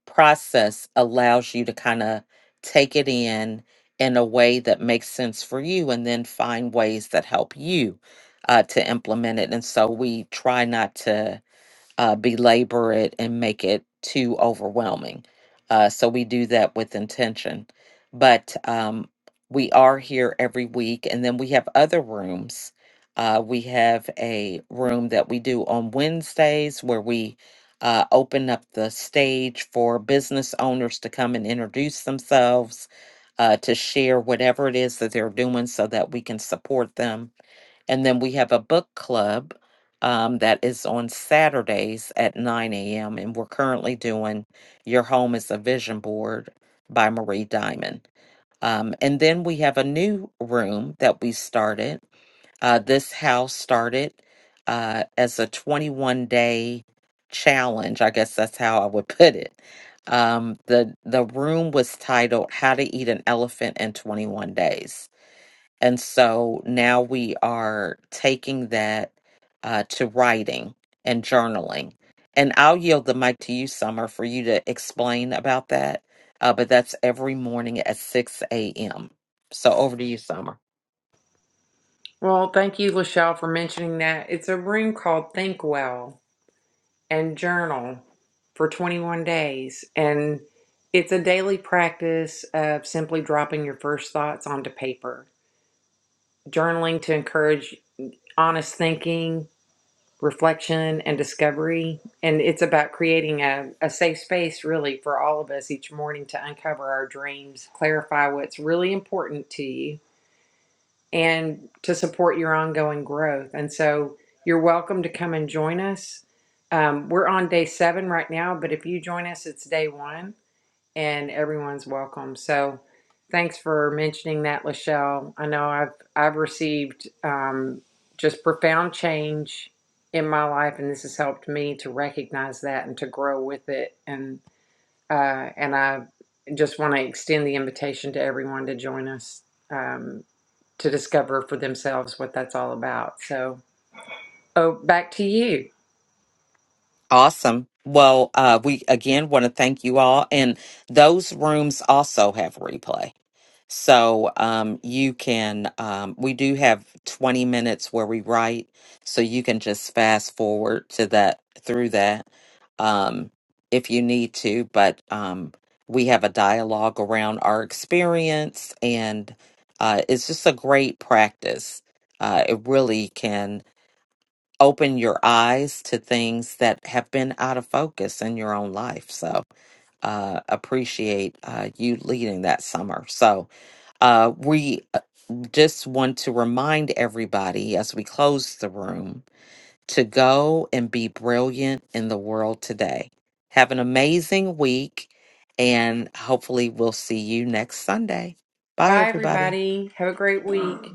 process allows you to kind of take it in in a way that makes sense for you and then find ways that help you uh, to implement it. And so we try not to uh, belabor it and make it too overwhelming. Uh, so we do that with intention. But um, we are here every week, and then we have other rooms. Uh, we have a room that we do on Wednesdays where we uh, open up the stage for business owners to come and introduce themselves, uh, to share whatever it is that they're doing so that we can support them and then we have a book club um, that is on Saturdays at 9 a.m. And we're currently doing Your Home is a Vision Board by Marie Diamond. Um, and then we have a new room that we started. Uh, this house started uh, as a 21 day challenge. I guess that's how I would put it. Um, the the room was titled "How to Eat an Elephant in 21 Days," And so now we are taking that uh, to writing and journaling. And I'll yield the mic to you, Summer, for you to explain about that. Uh, but that's every morning at 6 a.m. So over to you, Summer.
Well, thank you, Lachelle, for mentioning that. It's a room called Think Well and Journal for 21 days. And it's a daily practice of simply dropping your first thoughts onto paper, journaling to encourage honest thinking, reflection, and discovery. And it's about creating a, a safe space, really, for all of us each morning to uncover our dreams, clarify what's really important to you, and to support your ongoing growth. And so you're welcome to come and join us. Um, we're on day seven right now, but if you join us, it's day one and everyone's welcome. So thanks for mentioning that, Lachelle. I know I've, I've received um, just profound change in my life, and this has helped me to recognize that and to grow with it. And, uh, and I just want to extend the invitation to everyone to join us. Um, to discover for themselves what that's all about. So, oh, back to you.
Awesome. Well, uh, we again want to thank you all. And those rooms also have replay. So um, you can, um, we do have 20 minutes where we write, so you can just fast forward to that through that um, if you need to. But um, we have a dialogue around our experience, and uh, it's just a great practice. Uh, it really can open your eyes to things that have been out of focus in your own life. So uh, appreciate uh, you leading that summer. So uh, we uh, just want to remind everybody as we close the room to go and be brilliant in the world today. Have an amazing week, and hopefully, we'll see you next Sunday. Bye,
Bye,
everybody.
everybody. Have a great week.